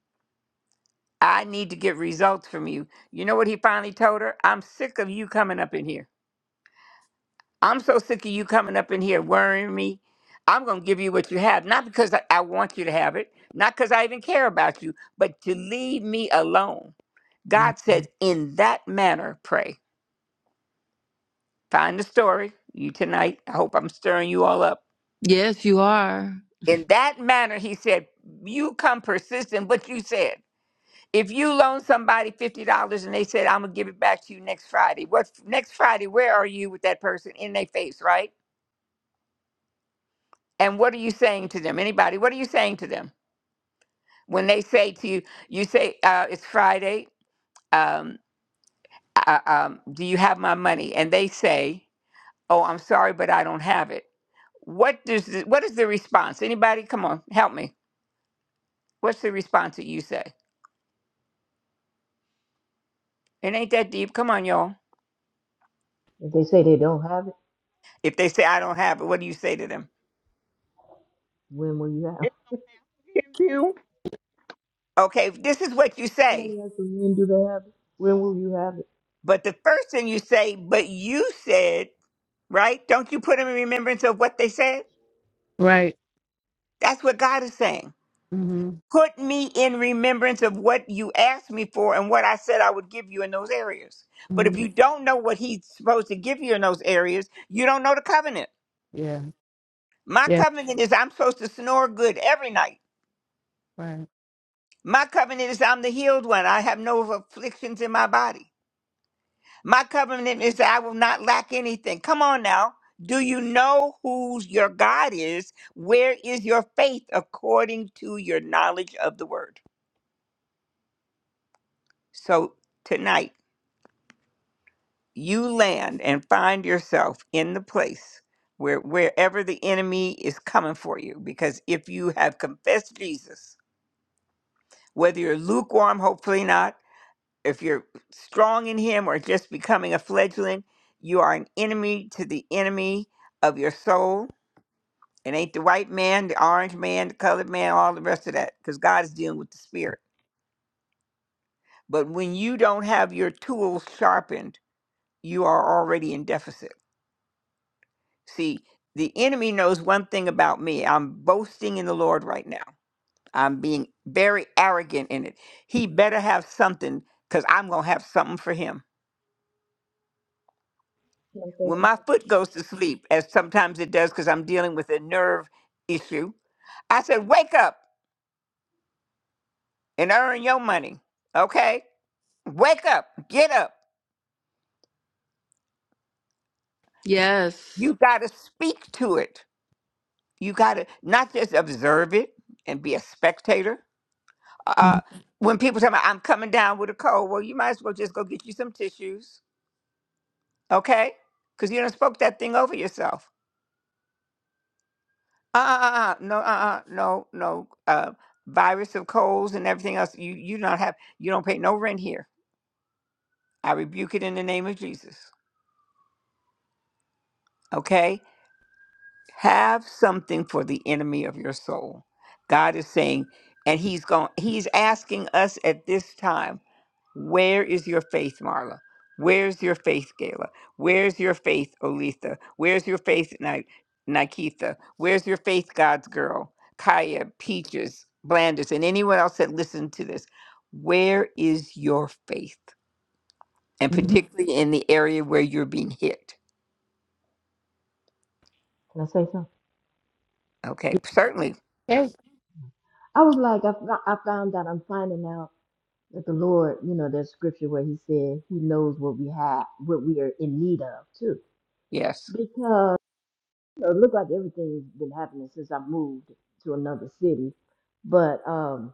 S1: I need to get results from you. You know what he finally told her? I'm sick of you coming up in here. I'm so sick of you coming up in here worrying me. I'm going to give you what you have, not because I I want you to have it, not because I even care about you, but to leave me alone. God said, in that manner, pray. Find the story, you tonight. I hope I'm stirring you all up
S3: Yes, you are.
S1: In that manner, he said, You come persistent, what you said. If you loan somebody $50 and they said, I'm going to give it back to you next Friday, what next Friday, where are you with that person in their face, right? And what are you saying to them? Anybody, what are you saying to them? When they say to you, you say, uh, It's Friday, um, uh, um, do you have my money? And they say, Oh, I'm sorry, but I don't have it. What does the, what is the response? Anybody, come on, help me. What's the response that you say? It ain't that deep. Come on, y'all.
S4: If they say they don't have it,
S1: If they say, I don't have it, what do you say to them?
S4: when will you have it?
S5: you.
S1: Okay, this is what you
S4: Probably
S1: say.
S4: ask them, when do they have it? When will you have it?
S1: But the first thing you say, but you said, right? Don't you put them in remembrance of what they said?
S2: Right.
S1: That's what God is saying.
S2: Mm-hmm.
S1: Put me in remembrance of what you asked me for and what I said I would give you in those areas. But
S2: hmm
S1: if you don't know what he's supposed to give you in those areas, you don't know the covenant.
S2: Yeah.
S1: My
S2: Yeah.
S1: covenant is I'm supposed to snore good every night.
S2: Right.
S1: My covenant is I'm the healed one. I have no afflictions in my body. My covenant is that I will not lack anything. Come on now. Do you know who your God is? Where is your faith according to your knowledge of the word? So tonight, you land and find yourself in the place where wherever the enemy is coming for you. Because if you have confessed Jesus, whether you're lukewarm, hopefully not, if you're strong in him or just becoming a fledgling, you are an enemy to the enemy of your soul It ain't the white man, the orange man, the colored man, all the rest of that, because God is dealing with the spirit. But when you don't have your tools sharpened, you are already in deficit. See, the enemy knows one thing about me. I'm boasting in the Lord right now. I'm being very arrogant in it. He better have something because I'm going to have something for him.
S4: Can I say
S1: When my
S4: something?
S1: foot goes to sleep, as sometimes it does because I'm dealing with a nerve issue, I said, Wake up and earn your money. Okay? Wake up, get up.
S3: Yes.
S1: You got to speak to it. You got to not just observe it and be a spectator. Uh, when people tell me I'm coming down with a cold, well, you might as well just go get you some tissues, okay? Because you don't spoke that thing over yourself. Uh, uh, uh, no, uh, uh, no, no. Uh, virus of colds and everything else. You, you don't have. You don't pay no rent here. I rebuke it in the name of Jesus, okay? have something for the enemy of your soul. God is saying, and He's going, He's asking us at this time, where is your faith, Marla? Where's your faith, Gala? Where's your faith, Olitha? Where's your faith, Ni- Nikitha? Where's your faith, God's girl, Kaya, Peaches, Blandis, and anyone else that listened to this? Where is your faith? And
S2: Mm-hmm.
S1: particularly in the area where you're being hit.
S4: Can I say something?
S1: Okay,
S2: Okay.
S1: certainly,
S2: Yeah.
S4: I was like, I, fo- I found out, I'm finding out that the Lord, you know, there's scripture where he said he knows what we have, what we are in need of too.
S1: yes.
S4: Because know, it looked like everything's been happening since I moved to another city. But um,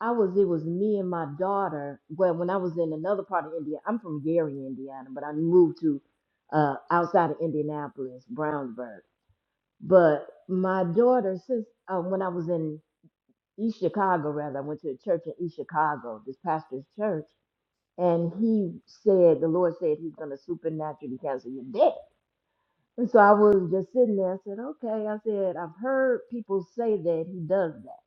S4: I was it was me and my daughter. Well, when I was in another part of India, I'm from Gary, Indiana, but I moved to uh, outside of Indianapolis, Brownsburg. But my daughter, since uh, when I was in East Chicago, rather, I went to a church in East Chicago, this pastor's church, and he said the Lord said He's going to supernaturally cancel your debt. And so I was just sitting there. I said, okay. I said, I've heard people say that he does that.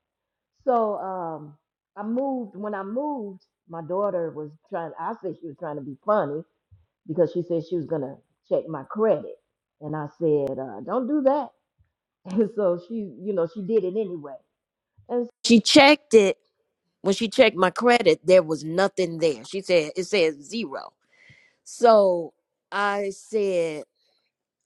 S4: So um, I moved. When I moved, my daughter was trying, I said she was trying to be funny because she said she was going to check my credit. And I said, uh, don't do that. [LAUGHS] And so she, you know, she did it anyway. And she checked it. When she checked my credit, there was nothing there. She said, it says zero. So I said,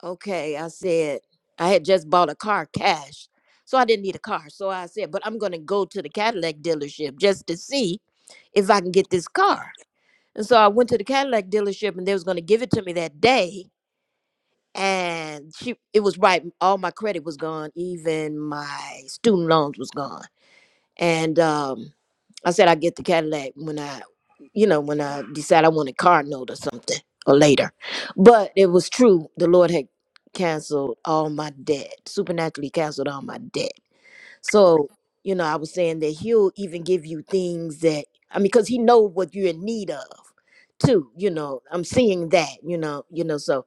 S4: Okay, I said I had just bought a car cash, so I didn't need a car. So I said, but I'm going to go to the Cadillac dealership just to see if I can get this car. And so I went to the Cadillac dealership, and they was going to give it to me that day. And she, it was right. All my credit was gone. Even my student loans was gone. And um, I said I get the Cadillac when I, you know, when I decide I want a car note or something or later. But it was true. The Lord had canceled all my debt, supernaturally canceled all my debt. So, you know, I was saying that he'll even give you things that, I mean, because he knows what you're in need of too, you know, I'm seeing that, you know, you know, so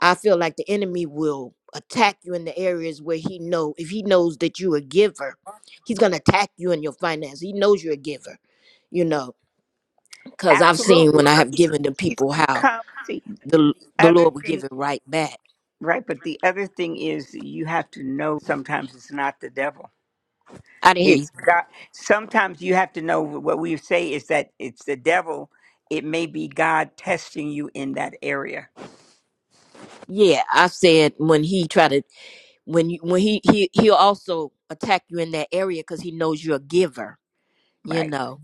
S4: I feel like the enemy will attack you in the areas where he know if he knows that you're a giver, he's gonna attack you in your finance. He knows you're a giver, you know, because I've seen
S1: Absolutely.
S4: when I
S1: Or
S4: have
S1: He's
S4: given to
S1: he's
S4: people
S1: going to
S4: how
S1: come. The
S4: the the
S1: other
S4: Lord will
S1: thing,
S4: give it right back.
S1: right? But the other thing is you have to know sometimes it's not the devil.
S4: I didn't hear you.
S1: It's God. Sometimes you have to know what we say is that it's the devil. It may be God testing you in that area.
S4: Yeah, I said when he try to when you when he he he'll also attack you in that area because he knows you're a giver, you
S1: Right.
S4: know,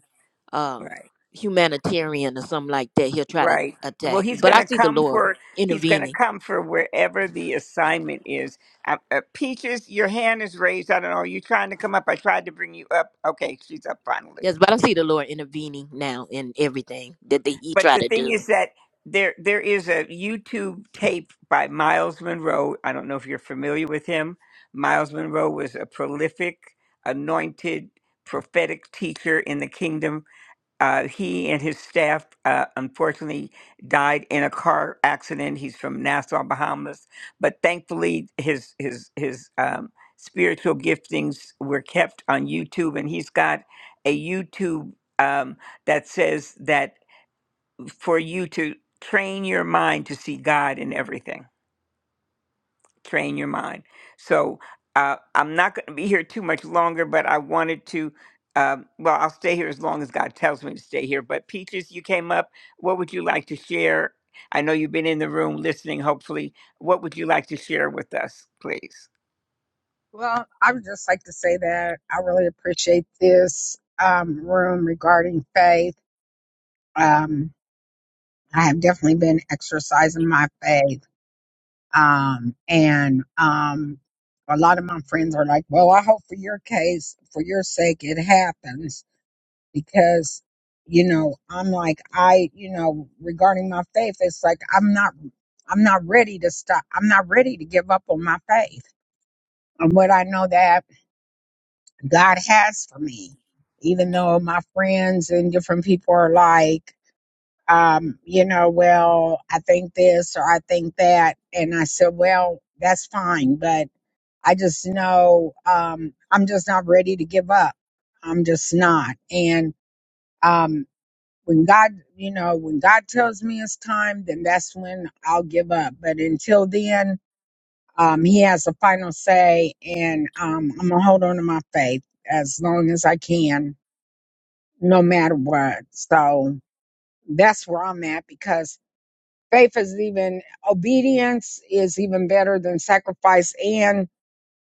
S4: um,
S1: Right.
S4: humanitarian or something like that. He'll try to
S1: Right. Well,
S4: attack, you,
S1: he's
S4: but
S1: going
S4: I
S1: to
S4: see the
S1: come
S4: Lord
S1: for he's going to
S4: intervening
S1: come for wherever the assignment is. Uh, uh, Peaches, your hand is raised. I don't know. Are you trying to come up? I tried to bring you up. Okay, she's up finally.
S4: Yes, but I see the Lord intervening now in everything that the, He
S1: But
S4: tried
S1: the
S4: to
S1: thing
S4: do.
S1: is that there there is a YouTube tape by Miles Monroe. I don't know if you're familiar with him. Miles Monroe was a prolific, anointed, prophetic teacher in the kingdom. Uh, he and his staff uh, unfortunately died in a car accident. He's from Nassau, Bahamas, but thankfully his his his um, spiritual giftings were kept on YouTube, and he's got a YouTube um, that says that for you to train your mind to see God in everything. Train your mind. So uh, I'm not going to be here too much longer, but I wanted to. Um, well, I'll stay here as long as God tells me to stay here. But Peaches, you came up. What would you like to share? I know you've been in the room listening, hopefully. What would you like to share with us, please?
S6: Well, I would just like to say that I really appreciate this um, room regarding faith. Um, I have definitely been exercising my faith. Um, and um, a lot of my friends are like, well, I hope for your case, for your sake, it happens because, you know, I'm like, I, you know, regarding my faith, it's like, I'm not, I'm not ready to stop. I'm not ready to give up on my faith. And what I know that God has for me. Even though my friends and different people are like, um, you know, well, I think this or I think that. And I said, well, that's fine. But I just know um, I'm just not ready to give up. I'm just not. And um, when God, you know, when God tells me it's time, then that's when I'll give up. But until then, um, He has the final say. And um, I'm going to hold on to my faith as long as I can no matter what. So that's where I'm at because faith is even obedience is even better than sacrifice and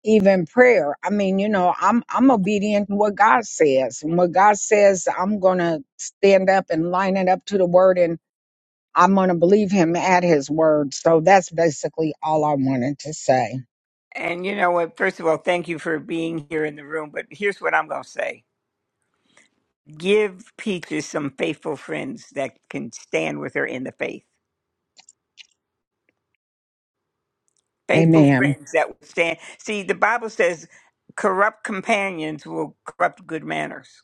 S6: even prayer. I mean, you know, I'm I'm obedient to what God says. And what God says, I'm gonna stand up and line it up to the word and I'm gonna believe him at his word. So that's basically all I wanted to say.
S1: And you know what? First of all, thank you for being here in the room. But here's what I'm going to say give Peaches some faithful friends that can stand with her in the faith faithful
S6: Amen.
S1: friends that will stand. See, the Bible says corrupt companions will corrupt good manners.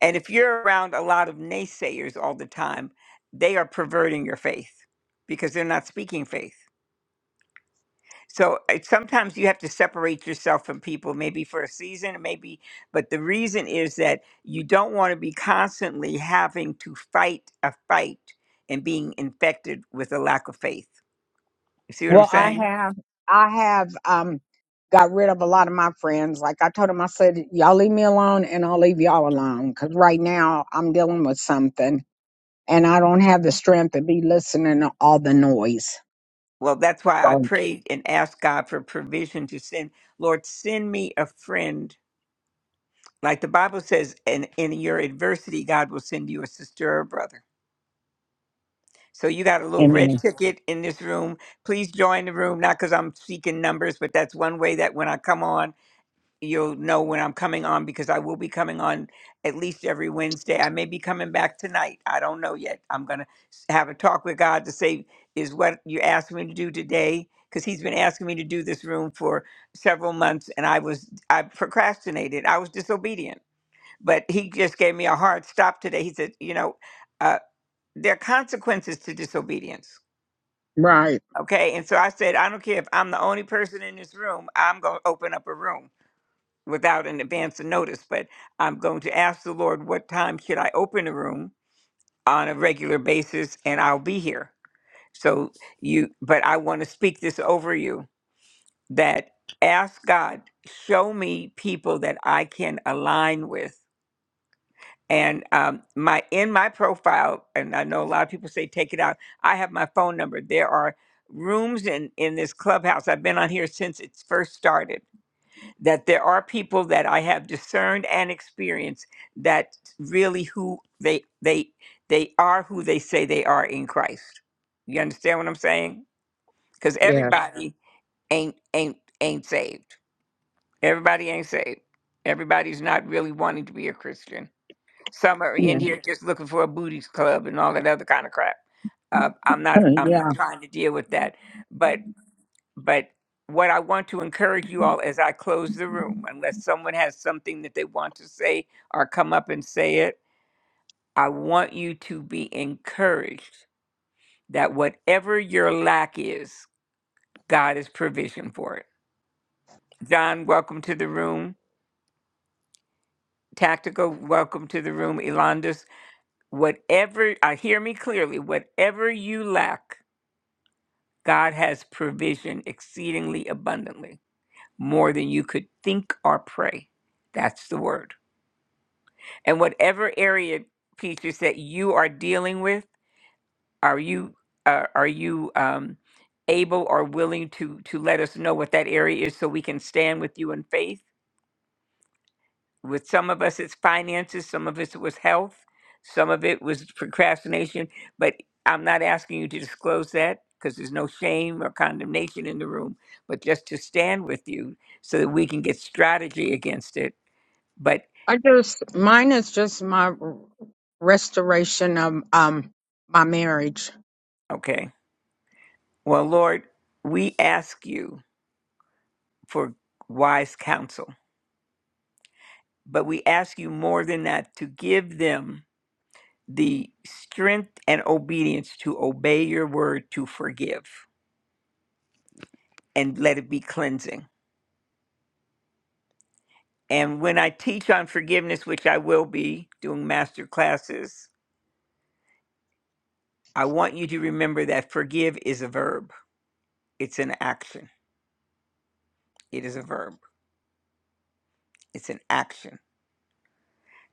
S1: And if you're around a lot of naysayers all the time, they are perverting your faith because they're not speaking faith. So it, sometimes you have to separate yourself from people, maybe for a season, maybe. But the reason is that you don't want to be constantly having to fight a fight and being infected with a lack of faith. You see what I'm
S6: Well, I
S1: saying?
S6: have, I have, um, got rid of a lot of my friends. Like I told them, I said, y'all leave me alone and I'll leave y'all alone. Cause right now I'm dealing with something and I don't have the strength to be listening to all the noise.
S1: Well, that's why I
S6: So,
S1: prayed and asked God for provision to send. Lord, send me a friend. Like the Bible says, in, in your adversity, God will send you a sister or a brother. So you got a little red Amen.
S6: amen.
S1: ticket in this room. Please join the room, not because I'm seeking numbers, but that's one way that when I come on, you'll know when I'm coming on because I will be coming on at least every Wednesday. I may be coming back tonight. I don't know yet. I'm going to have a talk with God to say, is what you asked me to do today? Because He's been asking me to do this room for several months and I was, I procrastinated. I was disobedient. But He just gave me a hard stop today. He said, you know, uh, there are consequences to disobedience.
S6: Right.
S1: Okay. And so I said, I don't care if I'm the only person in this room, I'm going to open up a room without an advance of notice, but I'm going to ask the Lord what time should I open a room on a regular basis and I'll be here. So you but I want to speak this over you that ask God, show me people that I can align with. And um, my in my profile, and I know a lot of people say take it out. I have my phone number. There are rooms in in this clubhouse. I've been on here since it first started that there are people that I have discerned and experienced that really who they they they are who they say they are in Christ. You understand what I'm saying? Because
S6: Yeah.
S1: everybody ain't ain't ain't saved. Everybody ain't saved. Everybody's not really wanting to be a Christian. Some are in
S6: Yeah. [LAUGHS]
S1: here just looking for a booties club and all that other kind of crap. Uh, I'm not I'm not
S6: Yeah.
S1: trying to deal with that. but. But what I want to encourage you all as I close the room, unless someone has something that they want to say or come up and say it, I want you to be encouraged that whatever your lack is, God is provision for it. John, welcome to the room. Tactical, welcome to the room. Elandis, whatever, uh, hear me clearly, whatever you lack, God has provision exceedingly abundantly, more than you could think or pray. That's the word. and whatever area features that you are dealing with are you uh, are you um, able or willing to to let us know what that area is so we can stand with you in faith with some of us it's finances some of us it was health some of it was procrastination but i'm not asking you to disclose that because there's no shame or condemnation in the room but just to stand with you so that we can get strategy against it but
S6: I just, mine is just my r- restoration of, um, my marriage.
S1: okay well lord we ask you for wise counsel. But we ask you more than that to give them the strength and obedience to obey your word to forgive and let it be cleansing. And when I teach on forgiveness, which I will be doing master classes, I want you to remember that forgive is a verb, it's an action. It is a verb, it's an action.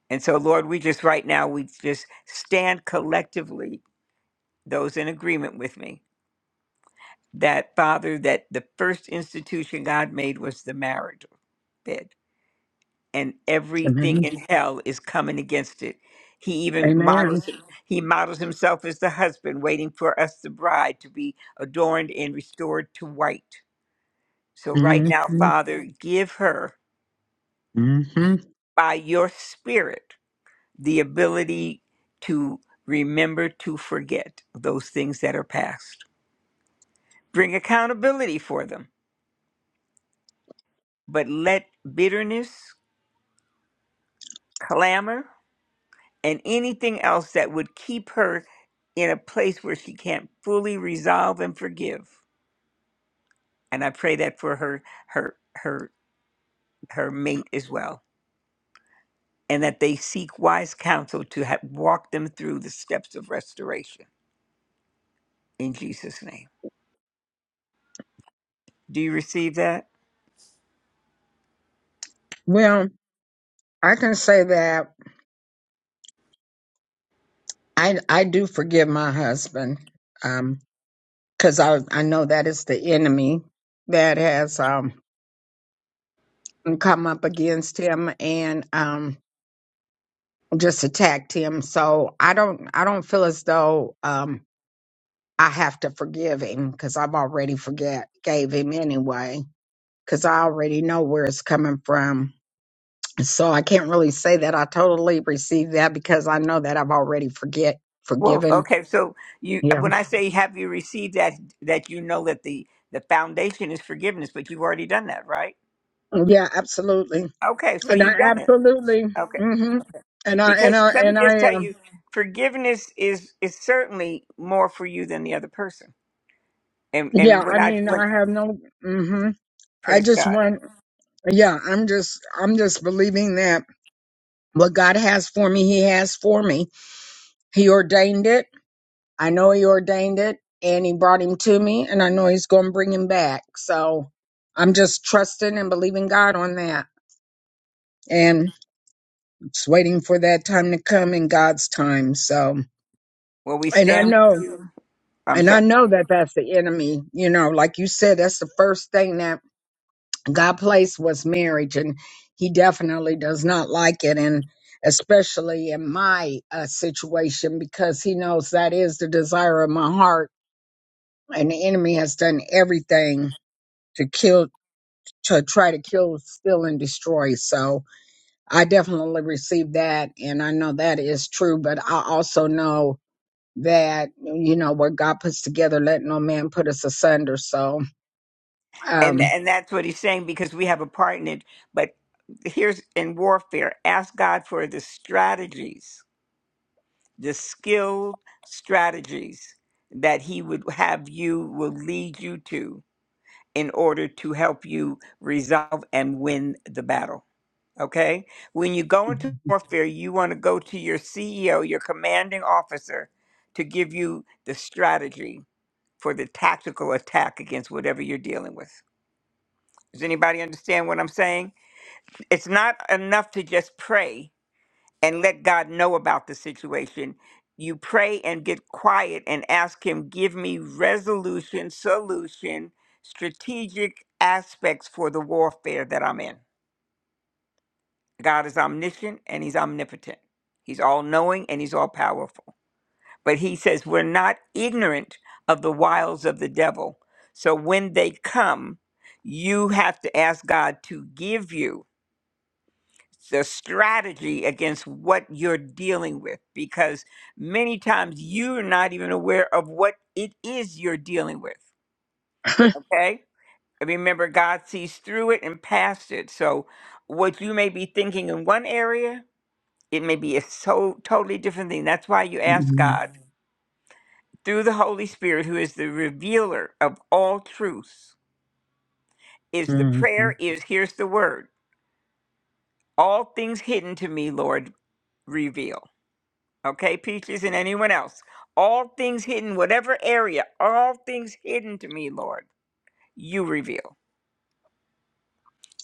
S1: And so, Lord, we just right now, we just stand collectively, those in agreement with me, that father that the first institution God made was the marriage bed, and everything
S6: Amen.
S1: in hell is coming against it. He even
S6: Amen.
S1: models him- he models himself as the husband, waiting for us, the bride, to be adorned and restored to white. So right
S6: hmm
S1: now, Father, give her
S6: hmm
S1: by your Spirit the ability to remember to forget those things that are past. Bring accountability for them, but let bitterness, clamor and anything else that would keep her in a place where she can't fully resolve and forgive. And I pray that for her, her, her, her mate as well, and that they seek wise counsel to ha- walk them through the steps of restoration in Jesus' name. Do you receive that?
S6: Well, I can say that I I do forgive my husband um cuz I I know that is the enemy that has um come up against him and um just attacked him so I don't I don't feel as though um I have to forgive him cuz I've already forget gave him anyway cuz I already know where it's coming from so I can't really say that I totally receive that because I know that I've already forget
S1: Well,
S6: forgiven
S1: okay. So you,
S6: yeah
S1: when I say have you received that, that you know that the the foundation is forgiveness, but you've already done that, right?
S6: yeah absolutely
S1: Okay, so
S6: And
S1: you've
S6: I
S1: done it.
S6: absolutely,
S1: Okay.
S6: hmm and I and
S1: Because
S6: I
S1: let me
S6: and
S1: just
S6: I
S1: tell
S6: um,
S1: you, forgiveness is is certainly more for you than the other person. And
S6: yeah.
S1: and
S6: I
S1: when I
S6: mean,
S1: when
S6: I have no. hmm I
S1: praise
S6: just
S1: God,
S6: want, yeah. I'm just, I'm just believing that what God has for me, He has for me. He ordained it. I know He ordained it, and He brought him to me, and I know He's going to bring him back. So I'm just trusting and believing God on that, and just waiting for that time to come in God's time. So,
S1: when we
S6: and I
S1: stand
S6: know.
S1: with you, I'm
S6: And I
S1: sorry,
S6: know that that's the enemy. You know, like you said, that's the first thing that God placed was marriage, and He definitely does not like it, and especially in my uh, situation because He knows that is the desire of my heart, and the enemy has done everything to kill, to try to kill, steal, and destroy. So I definitely received that, and I know that is true. But I also know that you know what God puts together, let no man put us asunder. So
S1: and
S6: Um,
S1: and that's what he's saying because we have a part in it. But here's in warfare, ask God for the strategies, the skilled strategies that He would have you will lead you to in order to help you resolve and win the battle. Okay? When you go into warfare, you want to go to your CEO, your commanding officer, to give you the strategy for the tactical attack against whatever you're dealing with. Does anybody understand what I'm saying? It's not enough to just pray and let God know about the situation. You pray and get quiet and ask Him, give me resolution, solution, strategic aspects for the warfare that I'm in. God is omniscient and he's omnipotent. He's all knowing and he's all powerful. But he says we're not ignorant of the wiles of the devil. So when they come, you have to ask God to give you the strategy against what you're dealing with because many times you're not even aware of what it is you're dealing with.
S6: [LAUGHS]
S1: Okay? And Remember, God sees through it and past it. So what you may be thinking in one area, it may be a so totally different thing. That's why you ask God Mhm. through the Holy Spirit, who is the revealer of all truths. Is the prayer is here's the word. All things hidden to me, Lord, reveal. Okay, Peaches and anyone else. All things hidden, whatever area, all things hidden to me, Lord, you reveal.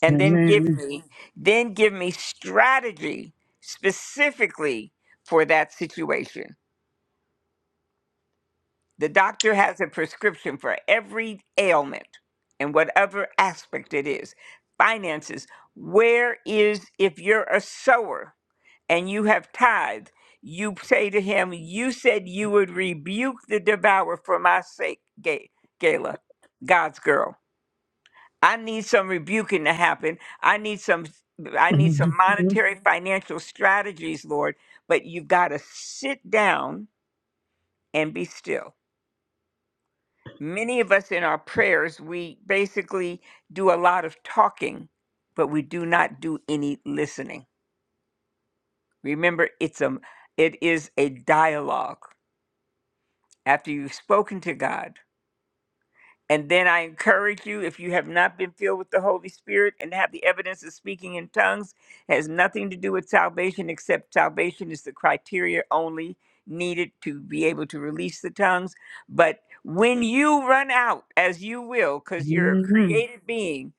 S1: And then give
S6: Amen.
S1: me, Mhm. then give me strategy specifically for that situation The doctor has a prescription for every ailment and whatever aspect it is. Finances, where is, if you're a sower and you have tithe, you say to him, You said you would rebuke the devourer for my sake, Ga- Gala, God's girl. I need some rebuking to happen. I need some. I need some Mhm. monetary financial strategies, Lord, but you've got to sit down and be still many of us in our prayers, we basically do a lot of talking, but we do not do any listening. Remember, it's a it is a dialogue. After you've spoken to God, And then I encourage you, if you have not been filled with the Holy Spirit and have the evidence of speaking in tongues, has nothing to do with salvation, except salvation is the criteria only needed to be able to release the tongues. But when you run out, as you will, because you're a created being,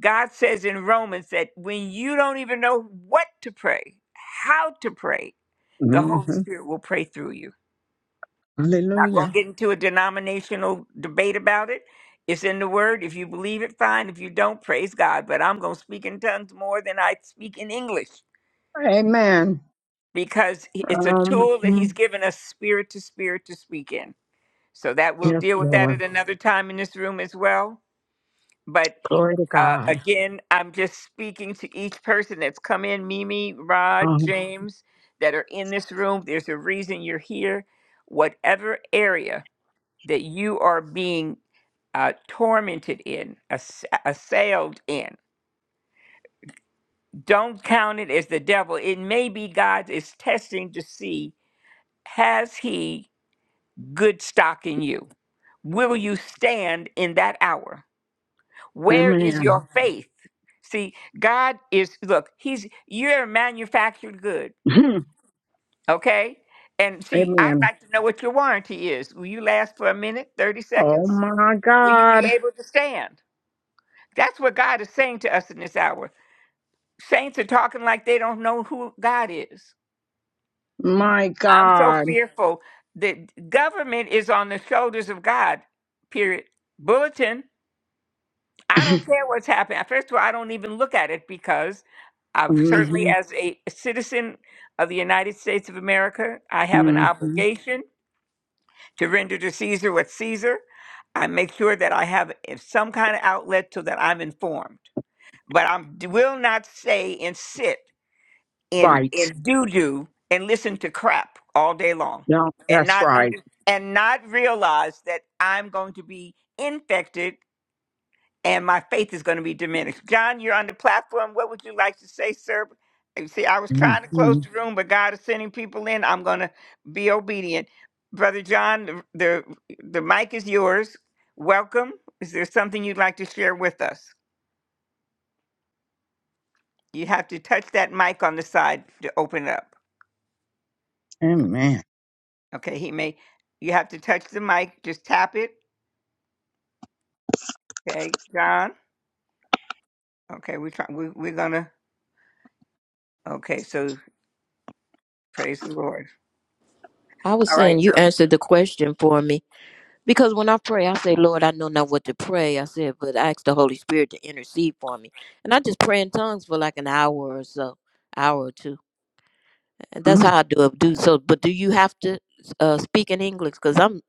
S1: God says in Romans that when you don't even know what to pray, how to pray, the Holy Spirit will pray through you. Not going to
S6: Hallelujah.
S1: get into a denominational debate about it. It's in the word. If you believe it, fine. If you don't, praise God. But I'm going to speak in tongues more than I speak in English
S6: Amen.
S1: because it's a tool that He's
S6: Um,
S1: given us spirit to spirit to speak in. So that we'll
S6: yes,
S1: deal with that at
S6: Lord.
S1: another time in this room as well. But
S6: Glory to
S1: uh,
S6: God.
S1: again, I'm just speaking to each person that's come in Mimi, Rod,
S6: Um,
S1: James, that are in this room. There's a reason you're here. Whatever area that you are being uh, tormented in, ass- assailed in. Don't count it as the devil. It may be God is testing to see has he good stock in you? Will you stand in that hour? Where is your
S6: amen.
S1: Mm. faith? See, God is, look, he's, you're a manufactured good,
S6: [LAUGHS]
S1: okay? And see, I'd
S6: amen.
S1: like to know what your warranty is. Will you last for a minute, 30
S6: Oh
S1: seconds?
S6: my
S1: Will you be
S6: God.
S1: able to stand? That's what God is saying to us in this hour. Saints are talking like they don't know who God is.
S6: My
S1: I'm so
S6: God.
S1: fearful that government is on the shoulders of God, period. Bulletin,
S6: [LAUGHS]
S1: I don't care what's happening. First of all, I don't even look at it because I've certainly,
S6: hmm
S1: as a citizen of the United States of America, I have an
S6: hmm
S1: obligation to render to Caesar what's Caesar. I make sure that I have some kind of outlet so that I'm informed. But I will not say and sit. in
S6: Right.
S1: in doo doo and listen to crap all day long
S6: Yeah,
S1: and
S6: that's
S1: not
S6: right.
S1: under and not realize that I'm going to be infected and my faith is going to be diminished. John, you're on the platform. What would you like to say, sir? You see, I was
S6: hmm
S1: trying to close the room, but God is sending people in. I'm going to be obedient, brother John. The the the mic is yours. Welcome. Is there something you'd like to share with us? You have to touch that mic on the side to open it up.
S6: Amen.
S1: Okay, he may. You have to touch the mic. Just tap it. Okay, John. Okay, we try. We, we're gonna. Okay, so praise the Lord.
S4: I was
S1: All right.
S4: saying
S1: So,
S4: you answered the question for me because when I pray, I say, Lord, I know not what to pray. I said, but I ask the Holy Spirit to intercede for me, and I just pray in tongues for like an hour or so, hour or two. And that's how I do it. Do so, but do you have to uh, speak in English? Because I'm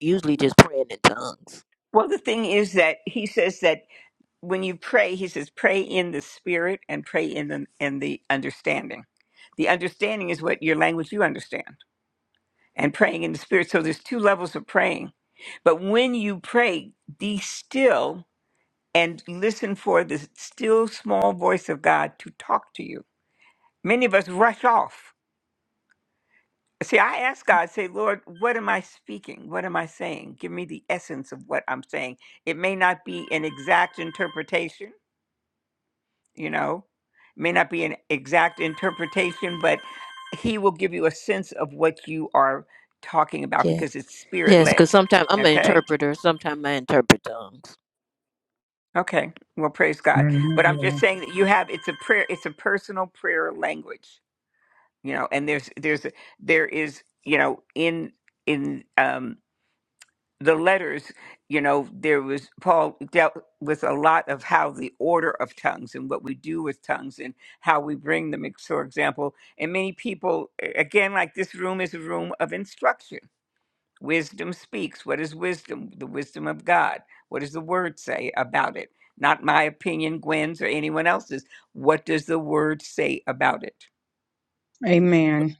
S4: usually just praying in tongues.
S1: well, the thing is that he says that when you pray, he says pray in the spirit and pray in the in the understanding. The understanding is what your language you understand, and praying in the spirit. So there's two levels of praying. But when you pray, be still and listen for the still small voice of God to talk to you Many of us rush off. See, I ask God, say, Lord, what am I speaking? What am I saying? Give me the essence of what I'm saying. It may not be an exact interpretation, you know, may not be an exact interpretation, but He will give you a sense of what you are talking about
S4: Yeah.
S1: because it's spirit
S4: Yes,
S1: led.
S4: because sometimes I'm an
S1: Okay.
S4: interpreter. Sometimes I interpret them.
S1: Okay. Well, praise God. But I'm
S6: Mhm.
S1: just saying that you have it's a prayer, it's a personal prayer language, you know, and there's, there's, there is, you know, in, in, um, the letters, you know, there was Paul dealt with a lot of how the order of tongues and what we do with tongues and how we bring them. ex- For example, and many people, a- again, like this room is a room of instruction. Wisdom speaks. What is wisdom? The wisdom of God. What does the word say about it? Not my opinion, Gwen's, or anyone else's. What does the word say about it?
S6: Amen.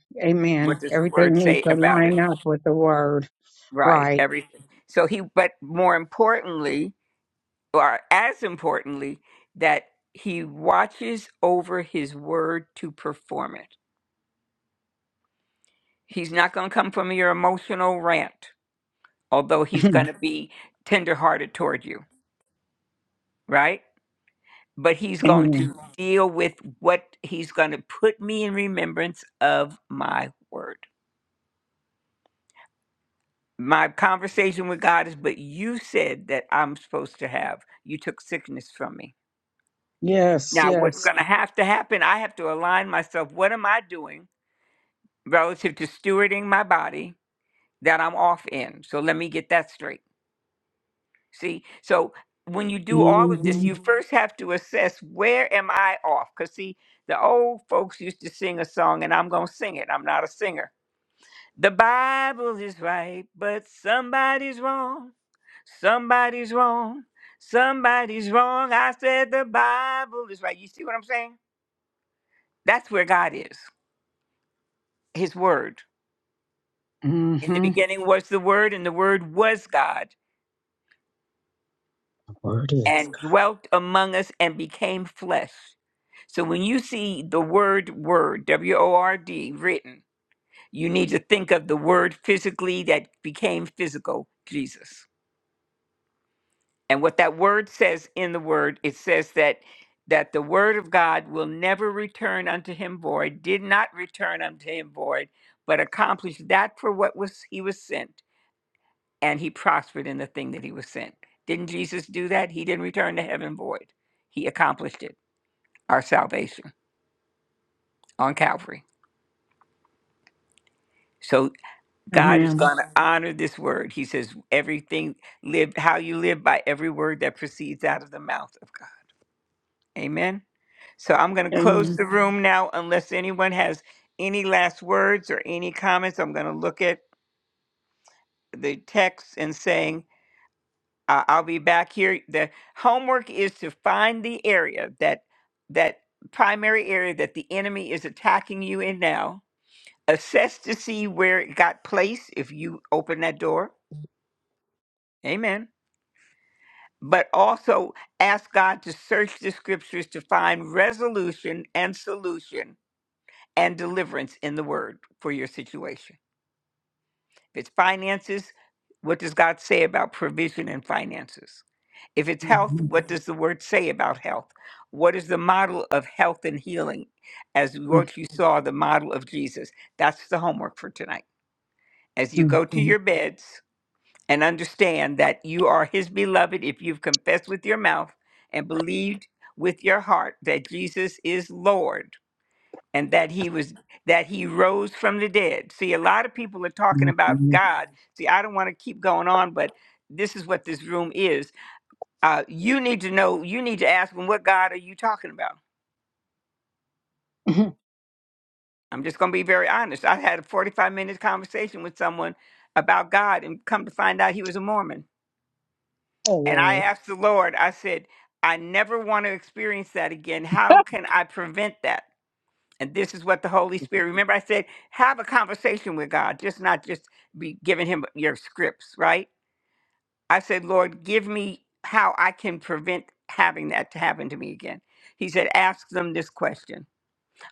S1: What
S6: Amen.
S1: does the word
S6: Everything needs
S1: say
S6: to
S1: about it?
S6: line up with the word.
S1: Right,
S6: Right.
S1: everything. So he, but more importantly, or as importantly, that he watches over his word to perform it. He's not going to come from your emotional rant, although
S6: [LAUGHS] [CLEARS THROAT]
S1: he's going to be tenderhearted toward you, right? But he's going
S6: Amen.
S1: to Right. deal with what he's going to put me in remembrance of my word. My conversation with God is, but you said that I'm supposed to have. You took sickness from me.
S6: Yes,
S1: Now, what's
S6: yes.
S1: going to have to happen? I have to align myself. What am I doing? relative to stewarding my body that I'm off in. So let me get that straight. See, so when you do all of this,
S6: Mm-hmm.
S1: you Mhm. first have to assess where am I off? Because see, the old folks used to sing a song, and I'm going to sing it. I'm not a singer. The Bible is right, but somebody's wrong. Somebody's wrong. Somebody's wrong. I said the Bible is right. You see what I'm saying? That's where God is, His Word. In the
S6: Mm-hmm. The
S1: beginning was the Word, and the Word was God
S6: word is
S1: and dwelt among us and became flesh. So when you see the word word, W O R D, written, you need to think of the word physically that became physical, Jesus. And what that word says in the word, it says that that the word of God will never return unto him void, did not return unto him void, but accomplished that for what was he was sent, and he prospered in the thing that he was sent. Didn't Jesus do that? He didn't return to heaven void. He accomplished it. our salvation on Calvary. So
S6: God.
S1: God is
S6: Amen.
S1: going to honor this word. He says, everything live how you live by every word that proceeds out of the mouth of God. Amen. So I'm going to close
S6: Amen.
S1: the room now unless anyone has any last words or any comments. I'm going to look at the text and saying, uh, I'll be back here. The homework is to find the area that that primary area that the enemy is attacking you in now assess to see where it got placed if you open that door. Amen. But also ask God to search the scriptures to find resolution and solution and deliverance in the word for your situation. If it's finances, what does God say about provision and finances? If it's health,
S6: Mhm.
S1: what does the word say about health? What is the model of health and healing? As what you saw, the model of Jesus. That's the homework for tonight. As you
S6: Mhm.
S1: go to
S6: Mhm.
S1: your beds, and understand that you are his beloved if you've confessed with your mouth and believed with your heart that Jesus is Lord and that he was that he rose from the dead. See, a lot of people are talking about
S6: Mhm.
S1: God. See, I don't want to keep going on, but this is what this room is. Uh, you need to know, you need to ask them, what God are you talking about?
S6: Mhm.
S1: I'm just going to be very honest. I had a 45 minute conversation with someone about God and come to find out he was a Mormon.
S6: Oh,
S1: And I
S6: Lord.
S1: asked the Lord, I said, I never want to experience that again. How
S6: [LAUGHS]
S1: can I prevent that? And this is what the Holy Spirit, remember I said, have a conversation with God, just not just be giving him your scripts, right? I said, Lord, give me how I can prevent having that to happen to me again. He said, ask them this question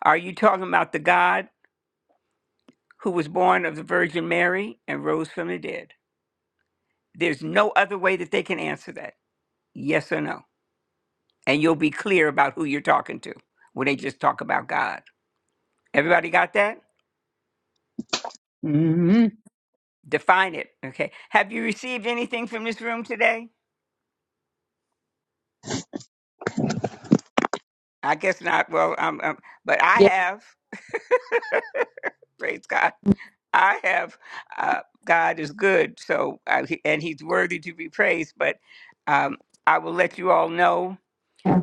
S1: Are you talking about the God who was born of the Virgin Mary and rose from the dead? There's no other way that they can answer that. Yes or no? and you'll be clear about who you're talking to when they just talk about God. Everybody got that?
S6: hmm
S1: Define it. Okay. Have you received anything from this room today? I guess not. Well, um, um, but I
S2: Yeah.
S1: have. [LAUGHS] Praise God. I have. Uh, God is good. So, uh, he- and He's worthy to be praised. But um, I will let you all know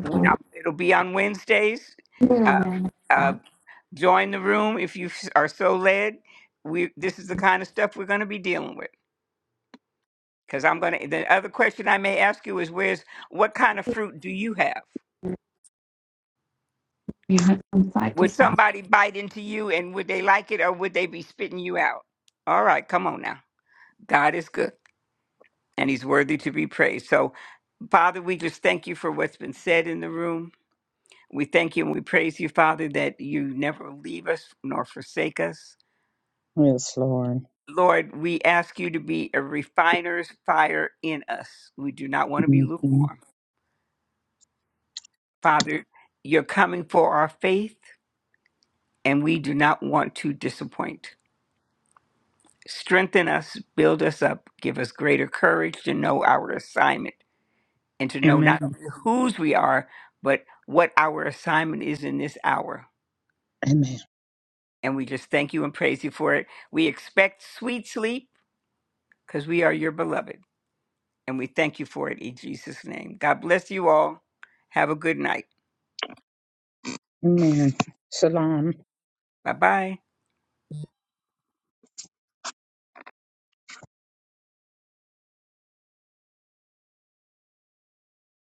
S1: when i it'll be on Wednesdays. Uh, uh, join the room if you s- are so led. We this is the kind of stuff we're going to be dealing with. Because I'm gonna. The other question I may ask you is, where's what kind of fruit do you have?
S2: You have from side to
S1: Would
S2: side.
S1: somebody bite into you, and would they like it, or would they be spitting you out? All right, come on now. God is good, and He's worthy to be praised. So, Father, we just thank you for what's been said in the room. We thank you and we praise you, Father, that you never leave us nor forsake us.
S6: Yes, Lord.
S1: Lord, we ask you to be a refiner's fire in us. We do not want to be
S6: hmm
S1: lukewarm. Father, you're coming for our faith. and we do not want to disappoint. Strengthen us, build us up, give us greater courage to know our assignment and to know
S6: Amen.
S1: not only whose we are, but what our assignment is in this hour.
S6: Amen.
S1: And we just thank you and praise you for it. We expect sweet sleep because we are your beloved. And we thank you for it in Jesus' name. God bless you all. Have a good night.
S6: Amen. Shalom.
S1: Bye bye.